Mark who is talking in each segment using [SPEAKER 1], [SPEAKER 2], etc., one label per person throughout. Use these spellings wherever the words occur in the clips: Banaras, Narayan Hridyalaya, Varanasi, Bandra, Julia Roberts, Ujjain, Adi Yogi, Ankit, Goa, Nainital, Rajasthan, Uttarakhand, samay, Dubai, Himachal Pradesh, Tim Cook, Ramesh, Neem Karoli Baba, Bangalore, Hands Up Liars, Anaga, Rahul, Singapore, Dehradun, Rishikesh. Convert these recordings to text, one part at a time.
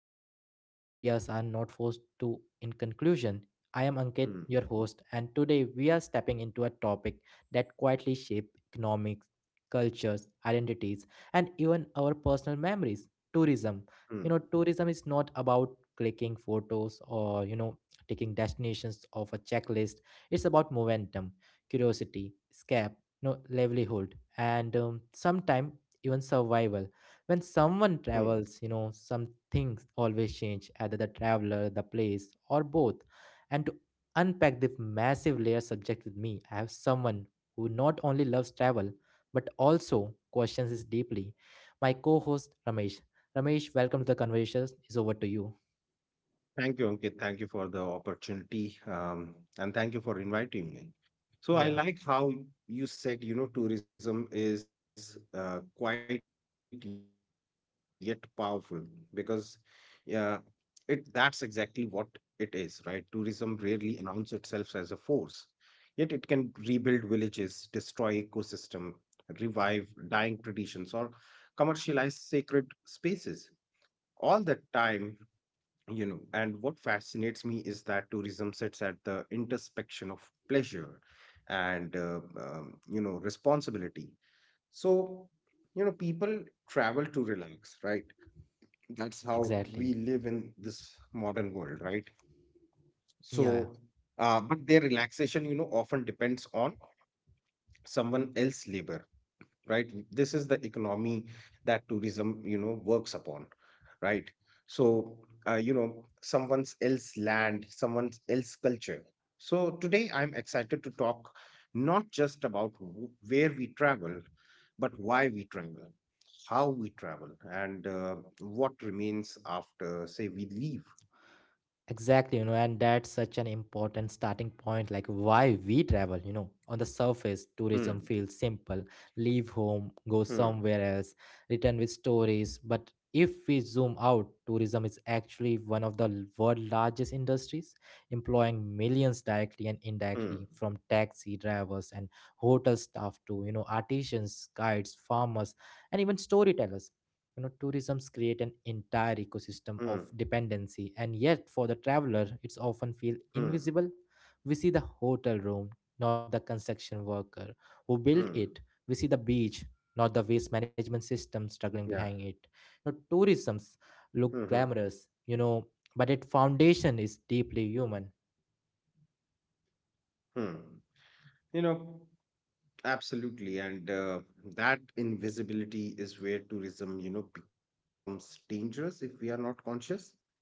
[SPEAKER 1] breathe, and ideas are not forced to in conclusion. I am Ankit,
[SPEAKER 2] Hmm.
[SPEAKER 1] your host, and today we are stepping into a topic that quietly shapes economics, cultures, identities, and even our personal memories — tourism.
[SPEAKER 2] Hmm.
[SPEAKER 1] Tourism is not about clicking photos or, taking destinations off a checklist. It's about momentum, curiosity, escape, livelihood, and sometime even survival. When someone
[SPEAKER 2] Hmm.
[SPEAKER 1] travels, some things always change, either the traveler, the place, or both. And to unpack this massive layer subject with me, I have someone who not only loves travel but also questions it deeply — my co-host Ramesh. Ramesh, welcome to the conversation. Is over to you.
[SPEAKER 2] Thank you, Ankit. Thank you for the opportunity, and thank you for inviting me. So I
[SPEAKER 1] Yeah.
[SPEAKER 2] like how you said, tourism is quite yet powerful because, yeah, it that's exactly what it is, right? Tourism rarely announces itself as a force, yet it can rebuild villages, destroy ecosystem, revive dying traditions, or commercialize sacred spaces. All the time. And what fascinates me is that tourism sits at the intersection of pleasure and responsibility. So, people travel to relax, right? That's how we
[SPEAKER 1] Exactly.
[SPEAKER 2] live in this modern world, right?
[SPEAKER 1] Yeah.
[SPEAKER 2] So, but their relaxation, often depends on someone else's labor, right? This is the economy that tourism, works upon, right? So, someone's else land, someone's else culture. So today I'm excited to talk not just about where we travel, but why we travel, how we travel, and what remains after say we leave.
[SPEAKER 1] Exactly. And that's such an important starting point, like why we travel. On the surface, tourism
[SPEAKER 2] Hmm.
[SPEAKER 1] feels simple: leave home, go
[SPEAKER 2] Hmm.
[SPEAKER 1] somewhere else, return with stories. But if we zoom out, tourism is actually one of the world's largest industries, employing millions directly and
[SPEAKER 2] Hmm.
[SPEAKER 1] indirectly, from taxi drivers and hotel staff to, artisans, guides, farmers, and even storytellers. Tourisms create an entire
[SPEAKER 2] Hmm.
[SPEAKER 1] ecosystem of dependency, and yet for the traveler it's often feel
[SPEAKER 2] Hmm.
[SPEAKER 1] invisible. We see the hotel room, not the construction worker who
[SPEAKER 2] Hmm.
[SPEAKER 1] built it. We see the beach, not the waste management system struggling
[SPEAKER 2] Yeah.
[SPEAKER 1] behind it. Tourisms look
[SPEAKER 2] Hmm. Hmm.
[SPEAKER 1] glamorous, but its foundation is deeply human.
[SPEAKER 2] Hmm. you know Absolutely, and that invisibility is where tourism, becomes dangerous if we are not conscious,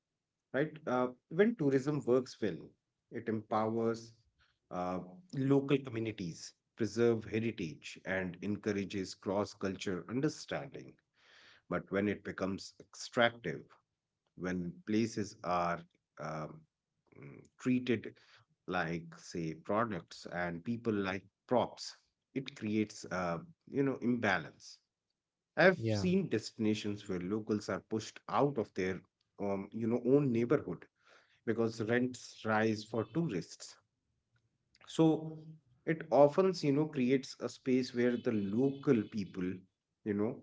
[SPEAKER 2] right? When tourism works well, it empowers uh, local communities, preserve heritage, and encourages cross-culture understanding. But when it becomes extractive, when places are um, treated like say products and people like props, it creates imbalance. I've
[SPEAKER 1] Yeah,
[SPEAKER 2] seen destinations where locals are pushed out of their own neighborhood because rents rise for tourists. So it often, creates a space where the local people, you know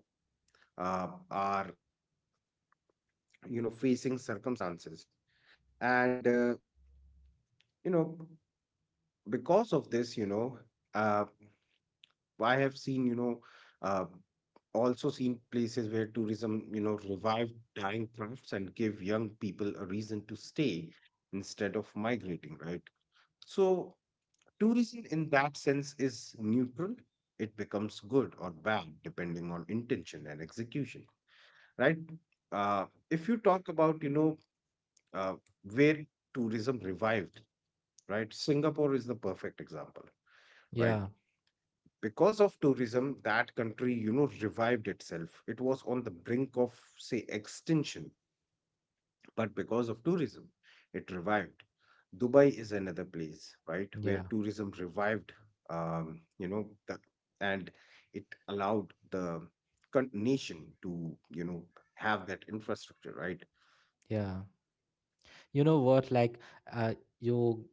[SPEAKER 2] are, facing circumstances. And, you know because of this, uh, I have uh, also seen places where tourism, revived dying crafts and give young people a reason to stay instead of migrating, right? So tourism in that sense is neutral. It becomes good or bad depending on intention and execution, right? If you talk about, uh, where tourism revived, right? Singapore is the perfect example, right?
[SPEAKER 1] yeah,
[SPEAKER 2] Because of tourism, that country, revived itself. It was on the brink of say extinction, but because of tourism, it revived. Dubai is another place, right, where
[SPEAKER 1] yeah,
[SPEAKER 2] tourism revived. um you know the, and it allowed the nation to, have that infrastructure, right.
[SPEAKER 1] yeah. You know what, like, uh, you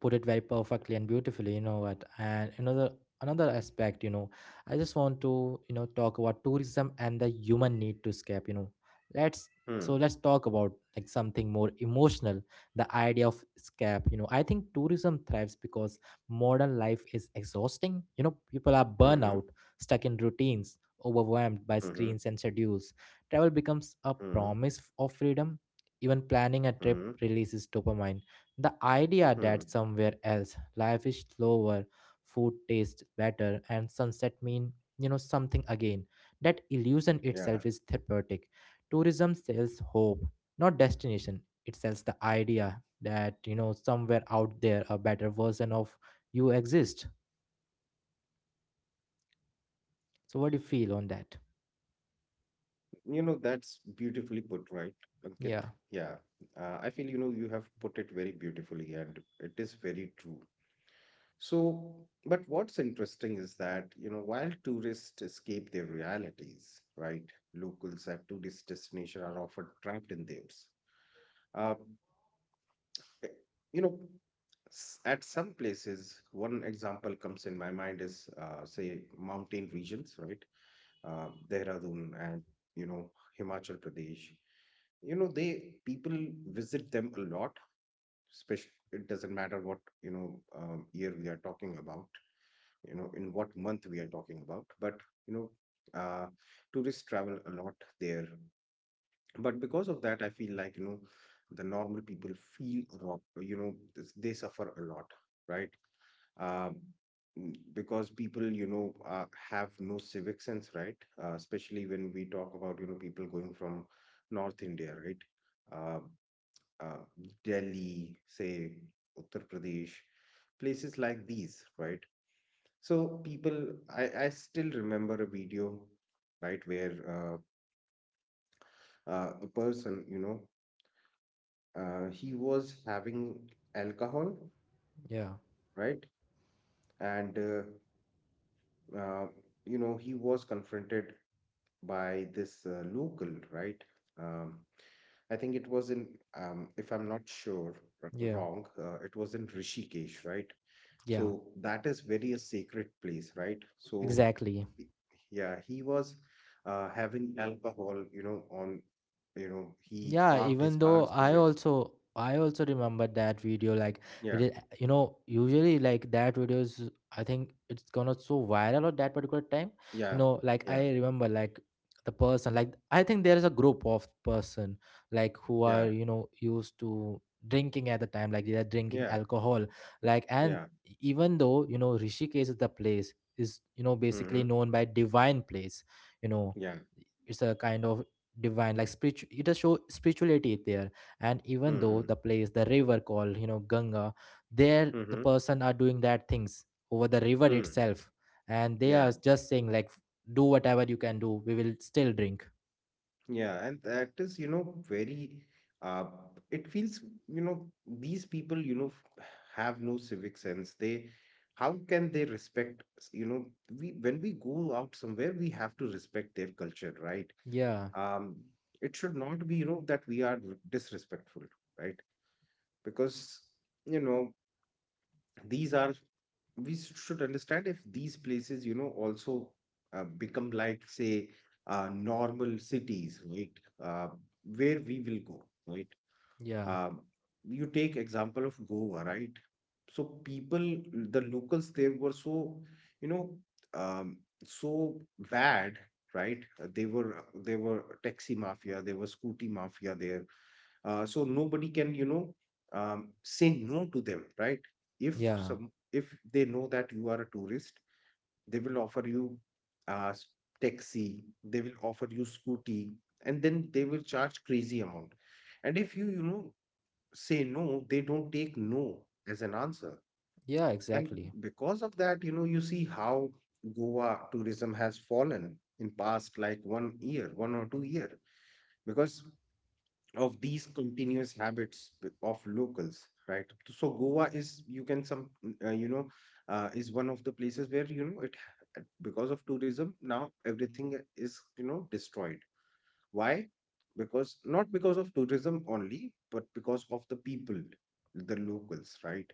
[SPEAKER 1] put it very perfectly and beautifully. You know what, and another aspect, I just want to talk about tourism and the human need to escape you know let's so
[SPEAKER 2] Hmm.
[SPEAKER 1] let's talk about, like, something more emotional: the idea of escape. I think tourism thrives because modern life is exhausting. People are burnout,
[SPEAKER 2] Hmm.
[SPEAKER 1] stuck in routines, overwhelmed by
[SPEAKER 2] Hmm. Hmm.
[SPEAKER 1] screens and schedules. Travel becomes a
[SPEAKER 2] Hmm.
[SPEAKER 1] promise of freedom. Even planning a trip
[SPEAKER 2] Hmm.
[SPEAKER 1] releases dopamine. The idea that
[SPEAKER 2] Hmm.
[SPEAKER 1] somewhere else life is slower, food tastes better, and sunset mean something again. That illusion
[SPEAKER 2] Yeah.
[SPEAKER 1] itself is therapeutic. Tourism sells hope, not destination. It sells the idea that somewhere out there a better version of you exists.
[SPEAKER 2] You know, that's
[SPEAKER 1] So what do you feel
[SPEAKER 2] beautifully
[SPEAKER 1] on
[SPEAKER 2] put,
[SPEAKER 1] that?
[SPEAKER 2] right, Ankit? Yeah. I feel, you have put it very
[SPEAKER 1] Yeah,
[SPEAKER 2] beautifully and it is very true. So, but what's interesting is that, while tourists escape their realities, right, locals at tourist destinations are often trapped in theirs. Uh, eh, you know, at some places, one example comes in my mind is, say, mountain regions, right? Dehradun and, you know, Himachal Pradesh. You know, they People visit them a lot, especially it doesn't matter what, year we are talking about, in what month we are talking about, but, you know, uh, tourists travel a lot there. But because of that, I feel like, the normal people feel rock, they suffer a lot, right. um, because people, have no civic sense, right. Especially when we talk about, people going from North India, right. uh, uh, Delhi, say, Uttar Pradesh, places like these, right. So people, I still remember a video, right, where a person, he was having alcohol,
[SPEAKER 1] yeah,
[SPEAKER 2] right? And uh, he was confronted by this local, right? Um, I think it was in, if I'm not sure
[SPEAKER 1] yeah,
[SPEAKER 2] wrong, it was in Rishikesh, right?
[SPEAKER 1] yeah.
[SPEAKER 2] So that is very a sacred place, right? So
[SPEAKER 1] Exactly.
[SPEAKER 2] y- yeah, he was having alcohol, on, he
[SPEAKER 1] Yeah,
[SPEAKER 2] parked his
[SPEAKER 1] even
[SPEAKER 2] car
[SPEAKER 1] though i
[SPEAKER 2] somewhere.
[SPEAKER 1] also i also remember that video. Like, with
[SPEAKER 2] Yeah,
[SPEAKER 1] usually, like, that video is — I think it's gonna so viral at that particular time.
[SPEAKER 2] yeah,
[SPEAKER 1] Like,
[SPEAKER 2] yeah,
[SPEAKER 1] I remember, like, the person — like, I think there is a group of person, like, who are,
[SPEAKER 2] yeah,
[SPEAKER 1] used to drinking at the time. Like, they are drinking
[SPEAKER 2] yeah.
[SPEAKER 1] alcohol. Like, and
[SPEAKER 2] Yeah.
[SPEAKER 1] even though, Rishikesh is the place, is, basically
[SPEAKER 2] Mm-hmm.
[SPEAKER 1] known by divine place. you know
[SPEAKER 2] Yeah.
[SPEAKER 1] it's a kind of divine, like, spiritual. It does show spirituality there. And even though
[SPEAKER 2] Mm-hmm.
[SPEAKER 1] the place, the river called, Ganga, there the
[SPEAKER 2] Mm-hmm.
[SPEAKER 1] person are doing that things over the river
[SPEAKER 2] Mm.
[SPEAKER 1] itself. And they
[SPEAKER 2] Yeah.
[SPEAKER 1] are just saying, like, do whatever you can do, we will still drink.
[SPEAKER 2] Yeah. And that is, very uh it feels, these people, have no civic sense. They, how can they respect? S- you know, we When we go out somewhere, we have to respect their culture, right?
[SPEAKER 1] Yeah,
[SPEAKER 2] Um, it should not be, that we are disrespectful, right? Because, you know, these are we s- should understand if these places, also become like, say, normal cities, right? Uh, where we will go, right?
[SPEAKER 1] yeah,
[SPEAKER 2] Um, you take example of Goa, right? So people, the locals there were so, you know, um, so bad, right? They were, taxi mafia. They were scooty mafia there. So nobody can, say no to them, right. If
[SPEAKER 1] yeah,
[SPEAKER 2] some if they know that you are a tourist, they will offer you uh, s- taxi. They will offer you scooty, and then they will charge crazy amount. And if you, you know say no, they don't take no as an answer.
[SPEAKER 1] yeah,
[SPEAKER 2] And
[SPEAKER 1] exactly,
[SPEAKER 2] because of that, you see how Goa tourism has fallen in past like one year, 1 or 2 year, because of these continuous habits of locals, right. So Goa is, you can some you know is one of the places where, it because of tourism now everything is, destroyed. Why? Because, not because of tourism only, but because of the people, the locals, right.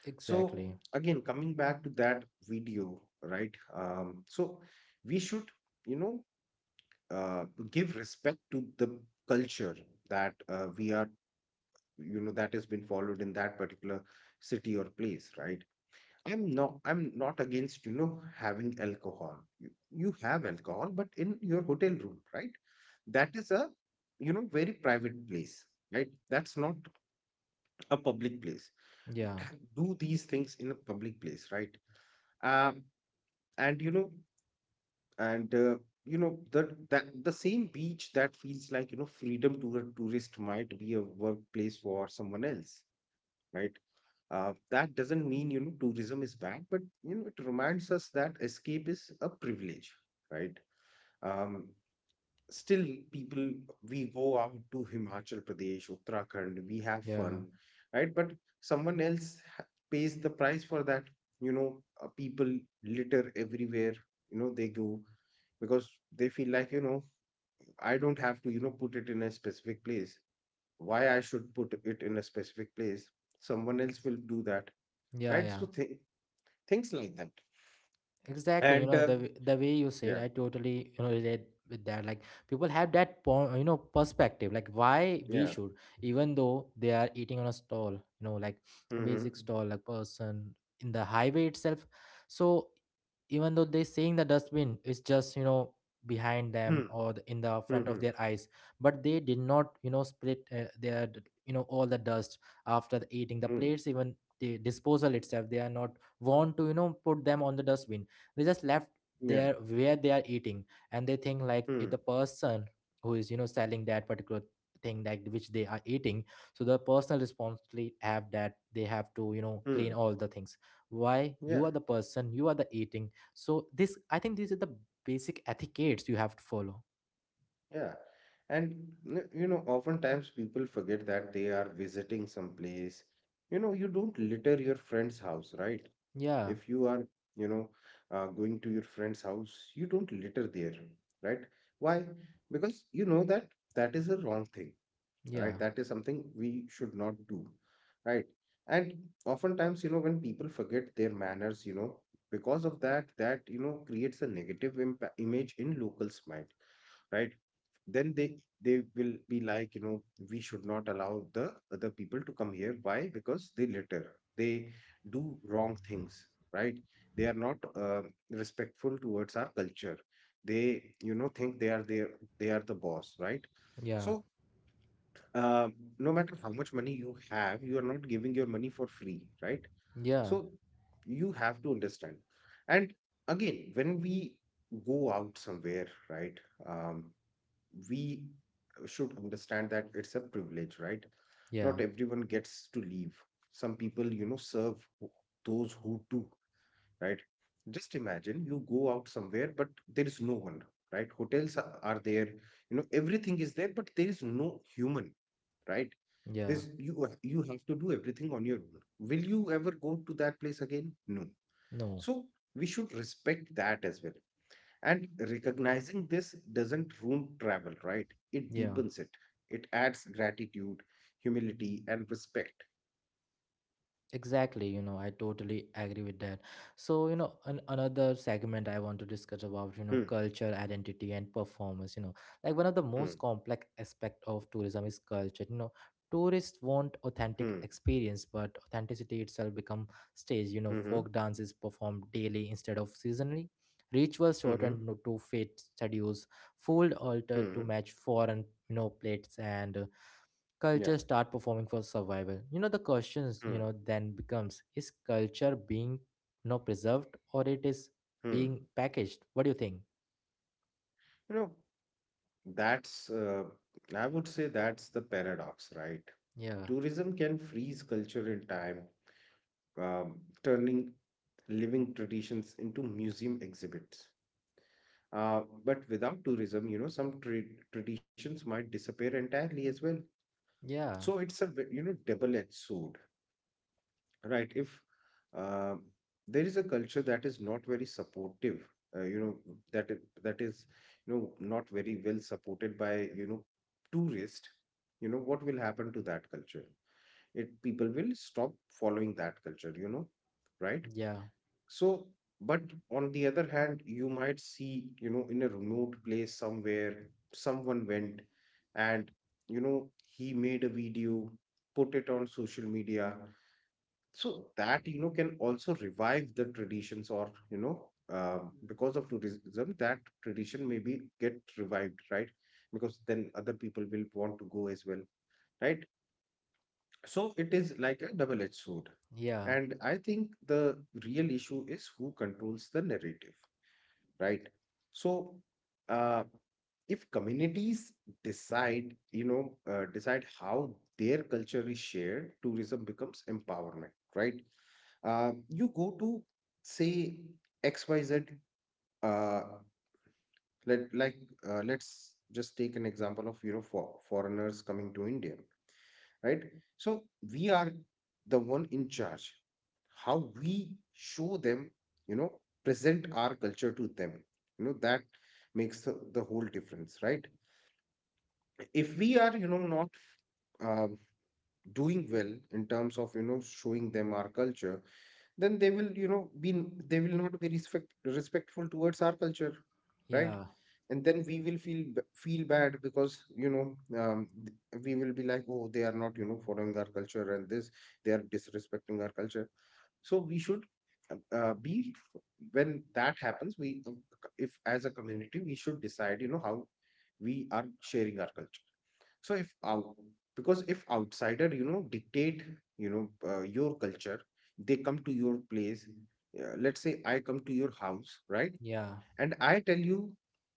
[SPEAKER 1] exactly.
[SPEAKER 2] So again, coming back to that video, right. So we should, you know uh, give respect to the culture that, we are you know that has been followed in that particular city or place, right. I'm not against, having alcohol. You have alcohol, but in your hotel room, right. That is a, very private place, right. That's not a public place.
[SPEAKER 1] Yeah,
[SPEAKER 2] Don't do these things in a public place, right. um and you know and you know That the same beach that feels like, freedom to a tourist might be a workplace for someone else, right. That doesn't mean, tourism is bad, but, it reminds us that escape is a privilege, right? Um, Still, people, we go out to Himachal Pradesh, Uttarakhand, we have
[SPEAKER 1] yeah,
[SPEAKER 2] fun, right? But someone else pays the price for that. People litter everywhere. They go because they feel like, I don't have to, put it in a specific place. Why I should put it in a specific place? Someone else will do that,
[SPEAKER 1] yeah,
[SPEAKER 2] right.
[SPEAKER 1] yeah.
[SPEAKER 2] So things like that.
[SPEAKER 1] Exactly.
[SPEAKER 2] And
[SPEAKER 1] The way you said,
[SPEAKER 2] Yeah.
[SPEAKER 1] I totally relate with that. Like, people have that perspective, like, why we
[SPEAKER 2] Yeah.
[SPEAKER 1] should. Even though they are eating on a stall, like a basic
[SPEAKER 2] Mm-hmm.
[SPEAKER 1] stall, like, person in the highway itself. So even though they're seeing the dustbin, it's just behind them
[SPEAKER 2] Hmm.
[SPEAKER 1] or the, in the front of
[SPEAKER 2] Mm-hmm.
[SPEAKER 1] their eyes. But they did not split their all the dust after the eating the
[SPEAKER 2] Hmm.
[SPEAKER 1] plates, even the disposal itself. They are not want to put them on the dustbin. They just left
[SPEAKER 2] Yeah.
[SPEAKER 1] there where they are eating. And they think, like, if
[SPEAKER 2] Hmm.
[SPEAKER 1] the person who is selling that particular thing that which they are eating, so the personal responsibility have that they have to clean
[SPEAKER 2] Hmm.
[SPEAKER 1] all the things. Why? You
[SPEAKER 2] Yeah.
[SPEAKER 1] are the person, you are the eating. So this, I think, these are the basic etiquettes you have to follow.
[SPEAKER 2] Yeah. And oftentimes people forget that they are visiting some place. You don't litter your friend's house, right?
[SPEAKER 1] Yeah,
[SPEAKER 2] If you are, you know, going to your friend's house, you don't litter there, right? Why? Because you know that that is a wrong thing.
[SPEAKER 1] yeah,
[SPEAKER 2] Right, that is something we should not do, right. And oftentimes, when people forget their manners, because of that, that, creates a negative impact image in locals mind, right. Then they will be like, we should not allow the other people to come here. Why? Because they litter, they do wrong things, right. They are not respectful towards our culture. They, think they are there, they are the boss, right.
[SPEAKER 1] yeah,
[SPEAKER 2] So, uh, no matter how much money you have, you are not giving your money for free, right?
[SPEAKER 1] yeah,
[SPEAKER 2] So you have to understand. And again, when we go out somewhere, right, um, we should understand that it's a privilege, right?
[SPEAKER 1] yeah,
[SPEAKER 2] Not everyone gets to leave. Some people, serve those who do, right? Just imagine you go out somewhere, but there is no one, right? Hotels are there, everything is there, but there is no human, right?
[SPEAKER 1] yeah.
[SPEAKER 2] You have to do everything on your own. Will you ever go to that place again? No.
[SPEAKER 1] No,
[SPEAKER 2] So we should respect that as well. And recognizing this doesn't ruin travel, right? It
[SPEAKER 1] yeah.
[SPEAKER 2] deepens it. It adds gratitude, humility, and respect.
[SPEAKER 1] Exactly. I totally agree with that. So, another segment I want to discuss about,
[SPEAKER 2] Hmm.
[SPEAKER 1] culture, identity, and performance. Like, one of the most
[SPEAKER 2] Hmm.
[SPEAKER 1] complex aspect of tourism is culture. Tourists want authentic
[SPEAKER 2] Hmm.
[SPEAKER 1] experience, but authenticity itself become stage.
[SPEAKER 2] Hmm. Hmm.
[SPEAKER 1] Folk dance is performed daily instead of seasonally. Rituals
[SPEAKER 2] Hmm. Hmm.
[SPEAKER 1] shortened to fit schedules, food altered to
[SPEAKER 2] Hmm.
[SPEAKER 1] match foreign, plates, and
[SPEAKER 2] Yeah.
[SPEAKER 1] cultures start performing for survival. The questions,
[SPEAKER 2] Hmm.
[SPEAKER 1] then becomes, is culture being preserved or it is
[SPEAKER 2] Hmm.
[SPEAKER 1] being packaged? What do you think?
[SPEAKER 2] You know, that's, uh, I would say that's the paradox, right?
[SPEAKER 1] Yeah,
[SPEAKER 2] Tourism can freeze culture in time, um, turning living traditions into museum exhibits. But without tourism, some traditions might disappear entirely as well. So
[SPEAKER 1] yeah,
[SPEAKER 2] it's a, double-edged sword. Right. If um, there is a culture that is not very supportive, uh, you know, that that is, not very well supported by, you know, tourists, what will happen to that culture? It People will stop following that culture, right?
[SPEAKER 1] yeah,
[SPEAKER 2] So, but on the other hand, you might see, you know, in a remote place somewhere, someone went and, you know, he made a video, put it on social media so that you know can also revive the traditions or you know because of tourism that tradition maybe get revived, right? Because then other people will want to go as well, right? So it is like a double edged sword.
[SPEAKER 1] yeah,
[SPEAKER 2] And I think the real issue is who controls the narrative, right? So, uh, if communities decide, you know, decide how their culture is shared, tourism becomes empowerment, right? You go to say XYZ uh, let like let's just take an example of you know for, foreigners coming to India, right? So we are the one in charge. How we show them, you know, present our culture to them, you know, that makes the whole difference, right? If we are, you know, not uh, doing well in terms of you know showing them our culture, then they will you know be they will not be respectful towards our culture, right?
[SPEAKER 1] yeah,
[SPEAKER 2] And then we will feel bad because you know um, we will be like, oh, they are not you know following our culture and this, they are disrespecting our culture. So we should be when that happens. We, if as a community, we should decide. You know how we are sharing our culture. So if out because if outsider, you know, dictate, you know, your culture, they come to your place. Let's say I come to your house, right?
[SPEAKER 1] yeah,
[SPEAKER 2] And I tell you,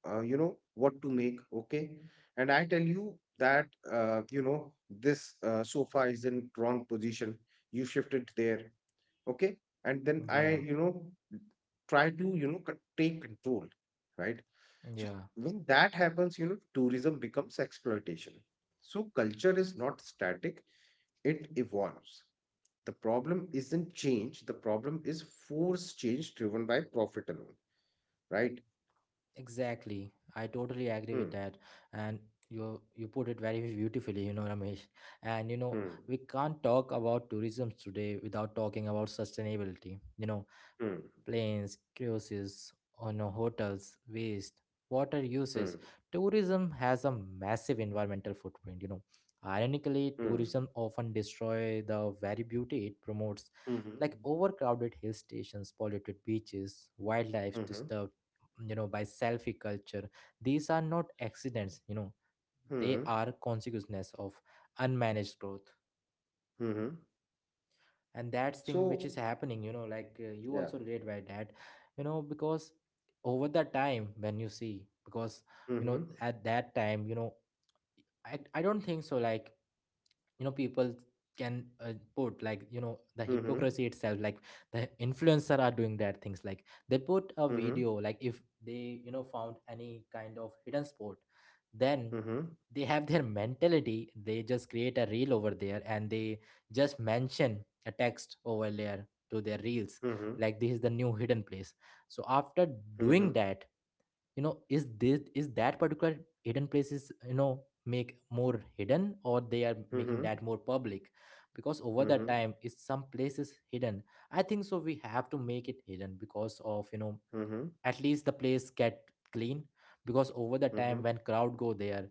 [SPEAKER 2] you know, what to make, okay? And I tell you that, you know, this sofa is in wrong position. You shift it there, okay? And then I
[SPEAKER 1] yeah,
[SPEAKER 2] you know try to you know take control, right? So
[SPEAKER 1] yeah,
[SPEAKER 2] when that happens, you know, tourism becomes exploitation. So culture is not static, it evolves. The problem isn't change, the problem is forced change driven by profit alone, right?
[SPEAKER 1] exactly. I totally agree with
[SPEAKER 2] hmm
[SPEAKER 1] that. And you you put it very beautifully, Ramesh. And,
[SPEAKER 2] hmm
[SPEAKER 1] we can't talk about tourism today without talking about sustainability you know
[SPEAKER 2] hmm
[SPEAKER 1] Planes, cruises, on a hotels, waste, water usage. Tourism has a massive environmental footprint. Ironically,
[SPEAKER 2] hmm
[SPEAKER 1] tourism often destroy the very beauty it promotes,
[SPEAKER 2] hmm hmm
[SPEAKER 1] like overcrowded hill stations, polluted beaches, wildlife
[SPEAKER 2] hmm
[SPEAKER 1] disturbed, by selfie culture. These are not accidents. They
[SPEAKER 2] hmm
[SPEAKER 1] are consequences of unmanaged growth,
[SPEAKER 2] hmm hmm.
[SPEAKER 1] and that's thing which
[SPEAKER 2] So,
[SPEAKER 1] is happening, like, you
[SPEAKER 2] yeah.
[SPEAKER 1] also relate by that. Because over the time when you see, because
[SPEAKER 2] hmm hmm
[SPEAKER 1] at that time, I don't think so. Like, people can put, like, the
[SPEAKER 2] hmm hmm
[SPEAKER 1] hypocrisy itself, like, the influencer are doing that things, like, they put a
[SPEAKER 2] hmm
[SPEAKER 1] video, like, if they, found any kind of hidden sport, then
[SPEAKER 2] hmm, hmm,
[SPEAKER 1] they have their mentality. They just create a reel over there and they just mention a text over there to their reels.
[SPEAKER 2] hmm.
[SPEAKER 1] Like, this is the new hidden place. So after doing
[SPEAKER 2] Mhm.
[SPEAKER 1] that, is this is that particular hidden places, make more hidden or they are making
[SPEAKER 2] Mhm.
[SPEAKER 1] that more public? Because over the
[SPEAKER 2] Mhm.
[SPEAKER 1] time is some places hidden, I think so we have to make it hidden because of,
[SPEAKER 2] Mhm.
[SPEAKER 1] at least the place get clean. Because over the time
[SPEAKER 2] Mhm.
[SPEAKER 1] when crowd go there,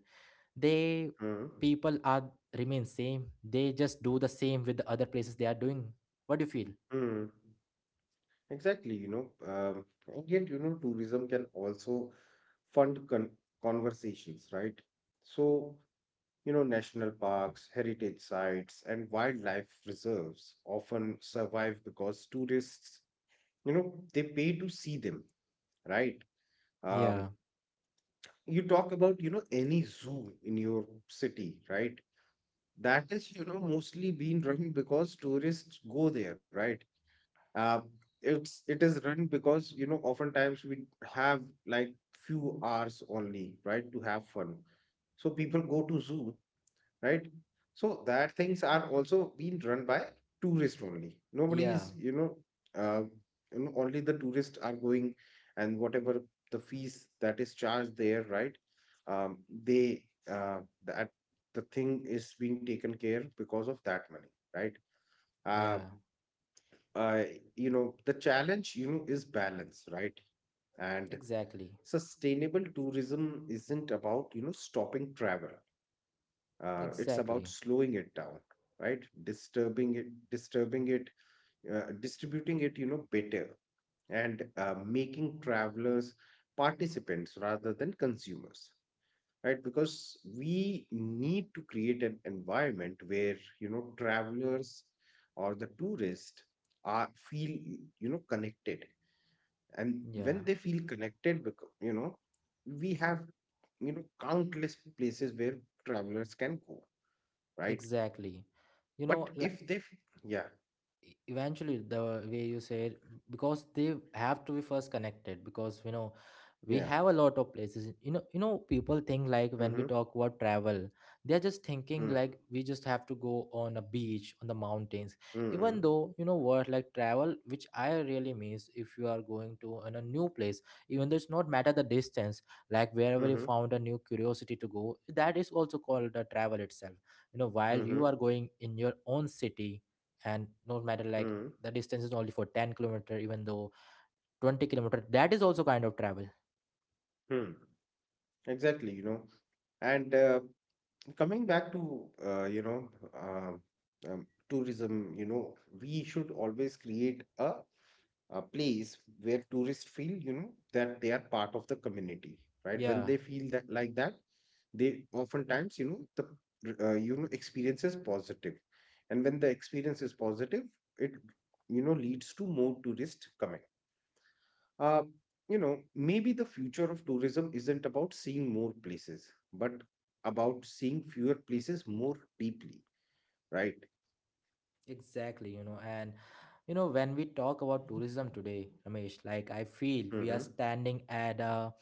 [SPEAKER 1] they —
[SPEAKER 2] Mhm.
[SPEAKER 1] people are remain same, they just do the same with the other places they are doing. What do you feel?
[SPEAKER 2] Mhm. Exactly, you know, and yet, you know, tourism can also fund con conversations, right? So, you know, national parks, heritage sites, and wildlife reserves often survive because tourists, you know, they pay to see them, right? Um,
[SPEAKER 1] Yeah,
[SPEAKER 2] you talk about, you know, any zoo in your city, right? That is you know mostly being run because tourists go there, right? uh, it is run because you know oftentimes we have like few hours only, right, to have fun. So people go to zoo, right? So that things are also being run by tourists only. Nobody
[SPEAKER 1] yeah,
[SPEAKER 2] is, uh, you know, only the tourists are going, and whatever the fees that is charged there, right? Um, they uh, that the thing is being taken care because of that money, right? Um,
[SPEAKER 1] yeah,
[SPEAKER 2] uh, you know, the challenge, you know, is balance, right? And
[SPEAKER 1] exactly,
[SPEAKER 2] sustainable tourism isn't about you know stopping travel, it's about
[SPEAKER 1] exactly.
[SPEAKER 2] slowing it down, right? Disturbing it, distributing it you know better, and making travelers participants rather than consumers, right? Because we need to create an environment where you know travelers or the tourists are feel you know connected. And
[SPEAKER 1] Yeah.
[SPEAKER 2] when they feel connected because you know we have you know countless places where travelers can go, right?
[SPEAKER 1] Exactly. You
[SPEAKER 2] But
[SPEAKER 1] know, li-
[SPEAKER 2] if they, f- yeah,
[SPEAKER 1] Eventually, the way you said, because they have to be first connected, because we
[SPEAKER 2] yeah,
[SPEAKER 1] have a lot of places. People think, like, when we
[SPEAKER 2] mm-hmm,
[SPEAKER 1] talk about travel, they're just thinking,
[SPEAKER 2] mm-hmm,
[SPEAKER 1] like, we just have to go on a beach, on the mountains.
[SPEAKER 2] mm-hmm,
[SPEAKER 1] Even though, you know what, like, travel which I really means, if you are going to in a new place, even though it's not matter the distance, like, wherever you
[SPEAKER 2] mm-hmm,
[SPEAKER 1] found a new curiosity to go, that is also called the travel itself. While
[SPEAKER 2] mm-hmm,
[SPEAKER 1] you are going in your own city, and no matter, like,
[SPEAKER 2] mm-hmm,
[SPEAKER 1] the distance is only for 10 kilometer, even though 20 kilometer, that is also kind of travel.
[SPEAKER 2] Hmm. exactly, you know, and coming back to you know tourism, you know, we should always create a place where tourists feel you know that they are part of the community, right? When
[SPEAKER 1] Yeah.
[SPEAKER 2] they feel that like that, they oftentimes you know the you know experience is positive. And when the experience is positive, it you know leads to more tourists coming. uh, you know, maybe the future of tourism isn't about seeing more places, but about seeing fewer places more deeply, right?
[SPEAKER 1] Exactly. And, when we talk about tourism today, Ramesh, like, I feel we are
[SPEAKER 2] Mm-hmm.
[SPEAKER 1] standing at a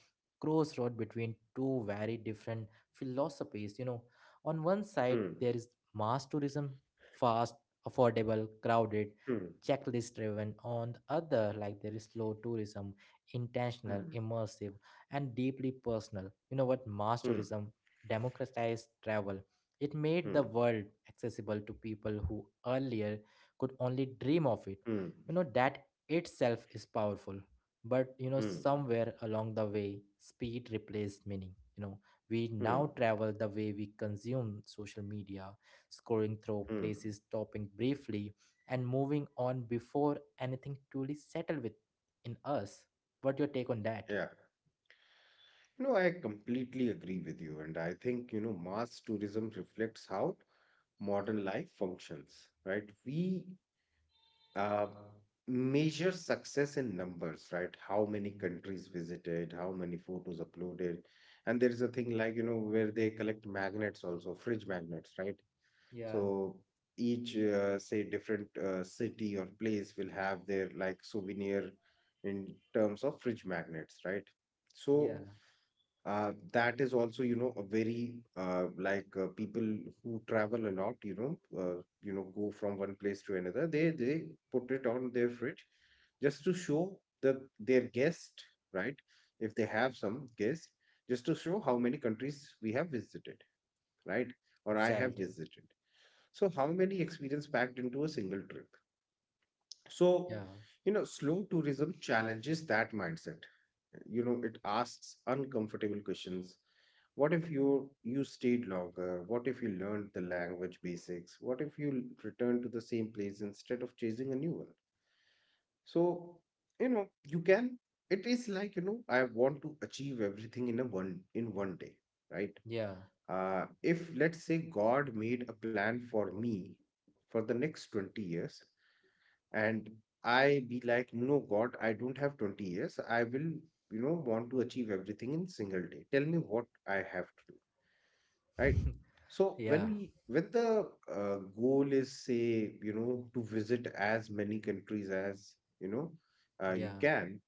[SPEAKER 1] crossroad between two very different philosophies. On one side,
[SPEAKER 2] Hmm.
[SPEAKER 1] there is mass tourism — fast, affordable, crowded,
[SPEAKER 2] Hmm.
[SPEAKER 1] checklist driven. On the other, like, there is slow tourism — intentional,
[SPEAKER 2] Hmm.
[SPEAKER 1] immersive, and deeply personal. You know what? Mass
[SPEAKER 2] Hmm.
[SPEAKER 1] tourism democratized travel. It made the
[SPEAKER 2] Hmm.
[SPEAKER 1] world accessible to people who earlier could only dream of it.
[SPEAKER 2] Hmm.
[SPEAKER 1] That itself is powerful. But,
[SPEAKER 2] Hmm.
[SPEAKER 1] somewhere along the way, speed replaced meaning. We now
[SPEAKER 2] Hmm.
[SPEAKER 1] travel the way we consume social media, scrolling through
[SPEAKER 2] Hmm.
[SPEAKER 1] places, stopping briefly, and moving on before anything truly settle with in us. What your take on that?
[SPEAKER 2] Yeah. No, I completely agree with you, and I think you know mass tourism reflects how modern life functions, right? We uh, measure success in numbers, right? How many countries visited, how many photos uploaded. And there is a thing like, you know, where they collect magnets also, fridge magnets, right?
[SPEAKER 1] Yeah,
[SPEAKER 2] So each, say, different city or place will have their like souvenir in terms of fridge magnets, right?
[SPEAKER 1] yeah,
[SPEAKER 2] So that is also you know a very like people who travel a lot you know go from one place to another, they put it on their fridge just to show the their guest, right? If they have some guest, just to show how many countries we have visited, right? Or I have
[SPEAKER 1] exactly.
[SPEAKER 2] visited. So how many experience packed into a single trip.
[SPEAKER 1] Yeah,
[SPEAKER 2] So, you know, slow tourism challenges that mindset. You know, it asks uncomfortable questions. What if you stayed longer? What if you learned the language basics? What if you returned to the same place instead of chasing a new one? So, you know, you can, it is like, you know, I want to achieve everything in a one in one day, right?
[SPEAKER 1] yeah,
[SPEAKER 2] If let's say God made a plan for me for the next 20 years, and I be like, no, God, I don't have 20 years. I will, you know, want to achieve everything in single day. Tell me what I have to do, right? So
[SPEAKER 1] yeah,
[SPEAKER 2] when the goal is, say, you know, to visit as many countries as, you know, you
[SPEAKER 1] yeah.
[SPEAKER 2] can,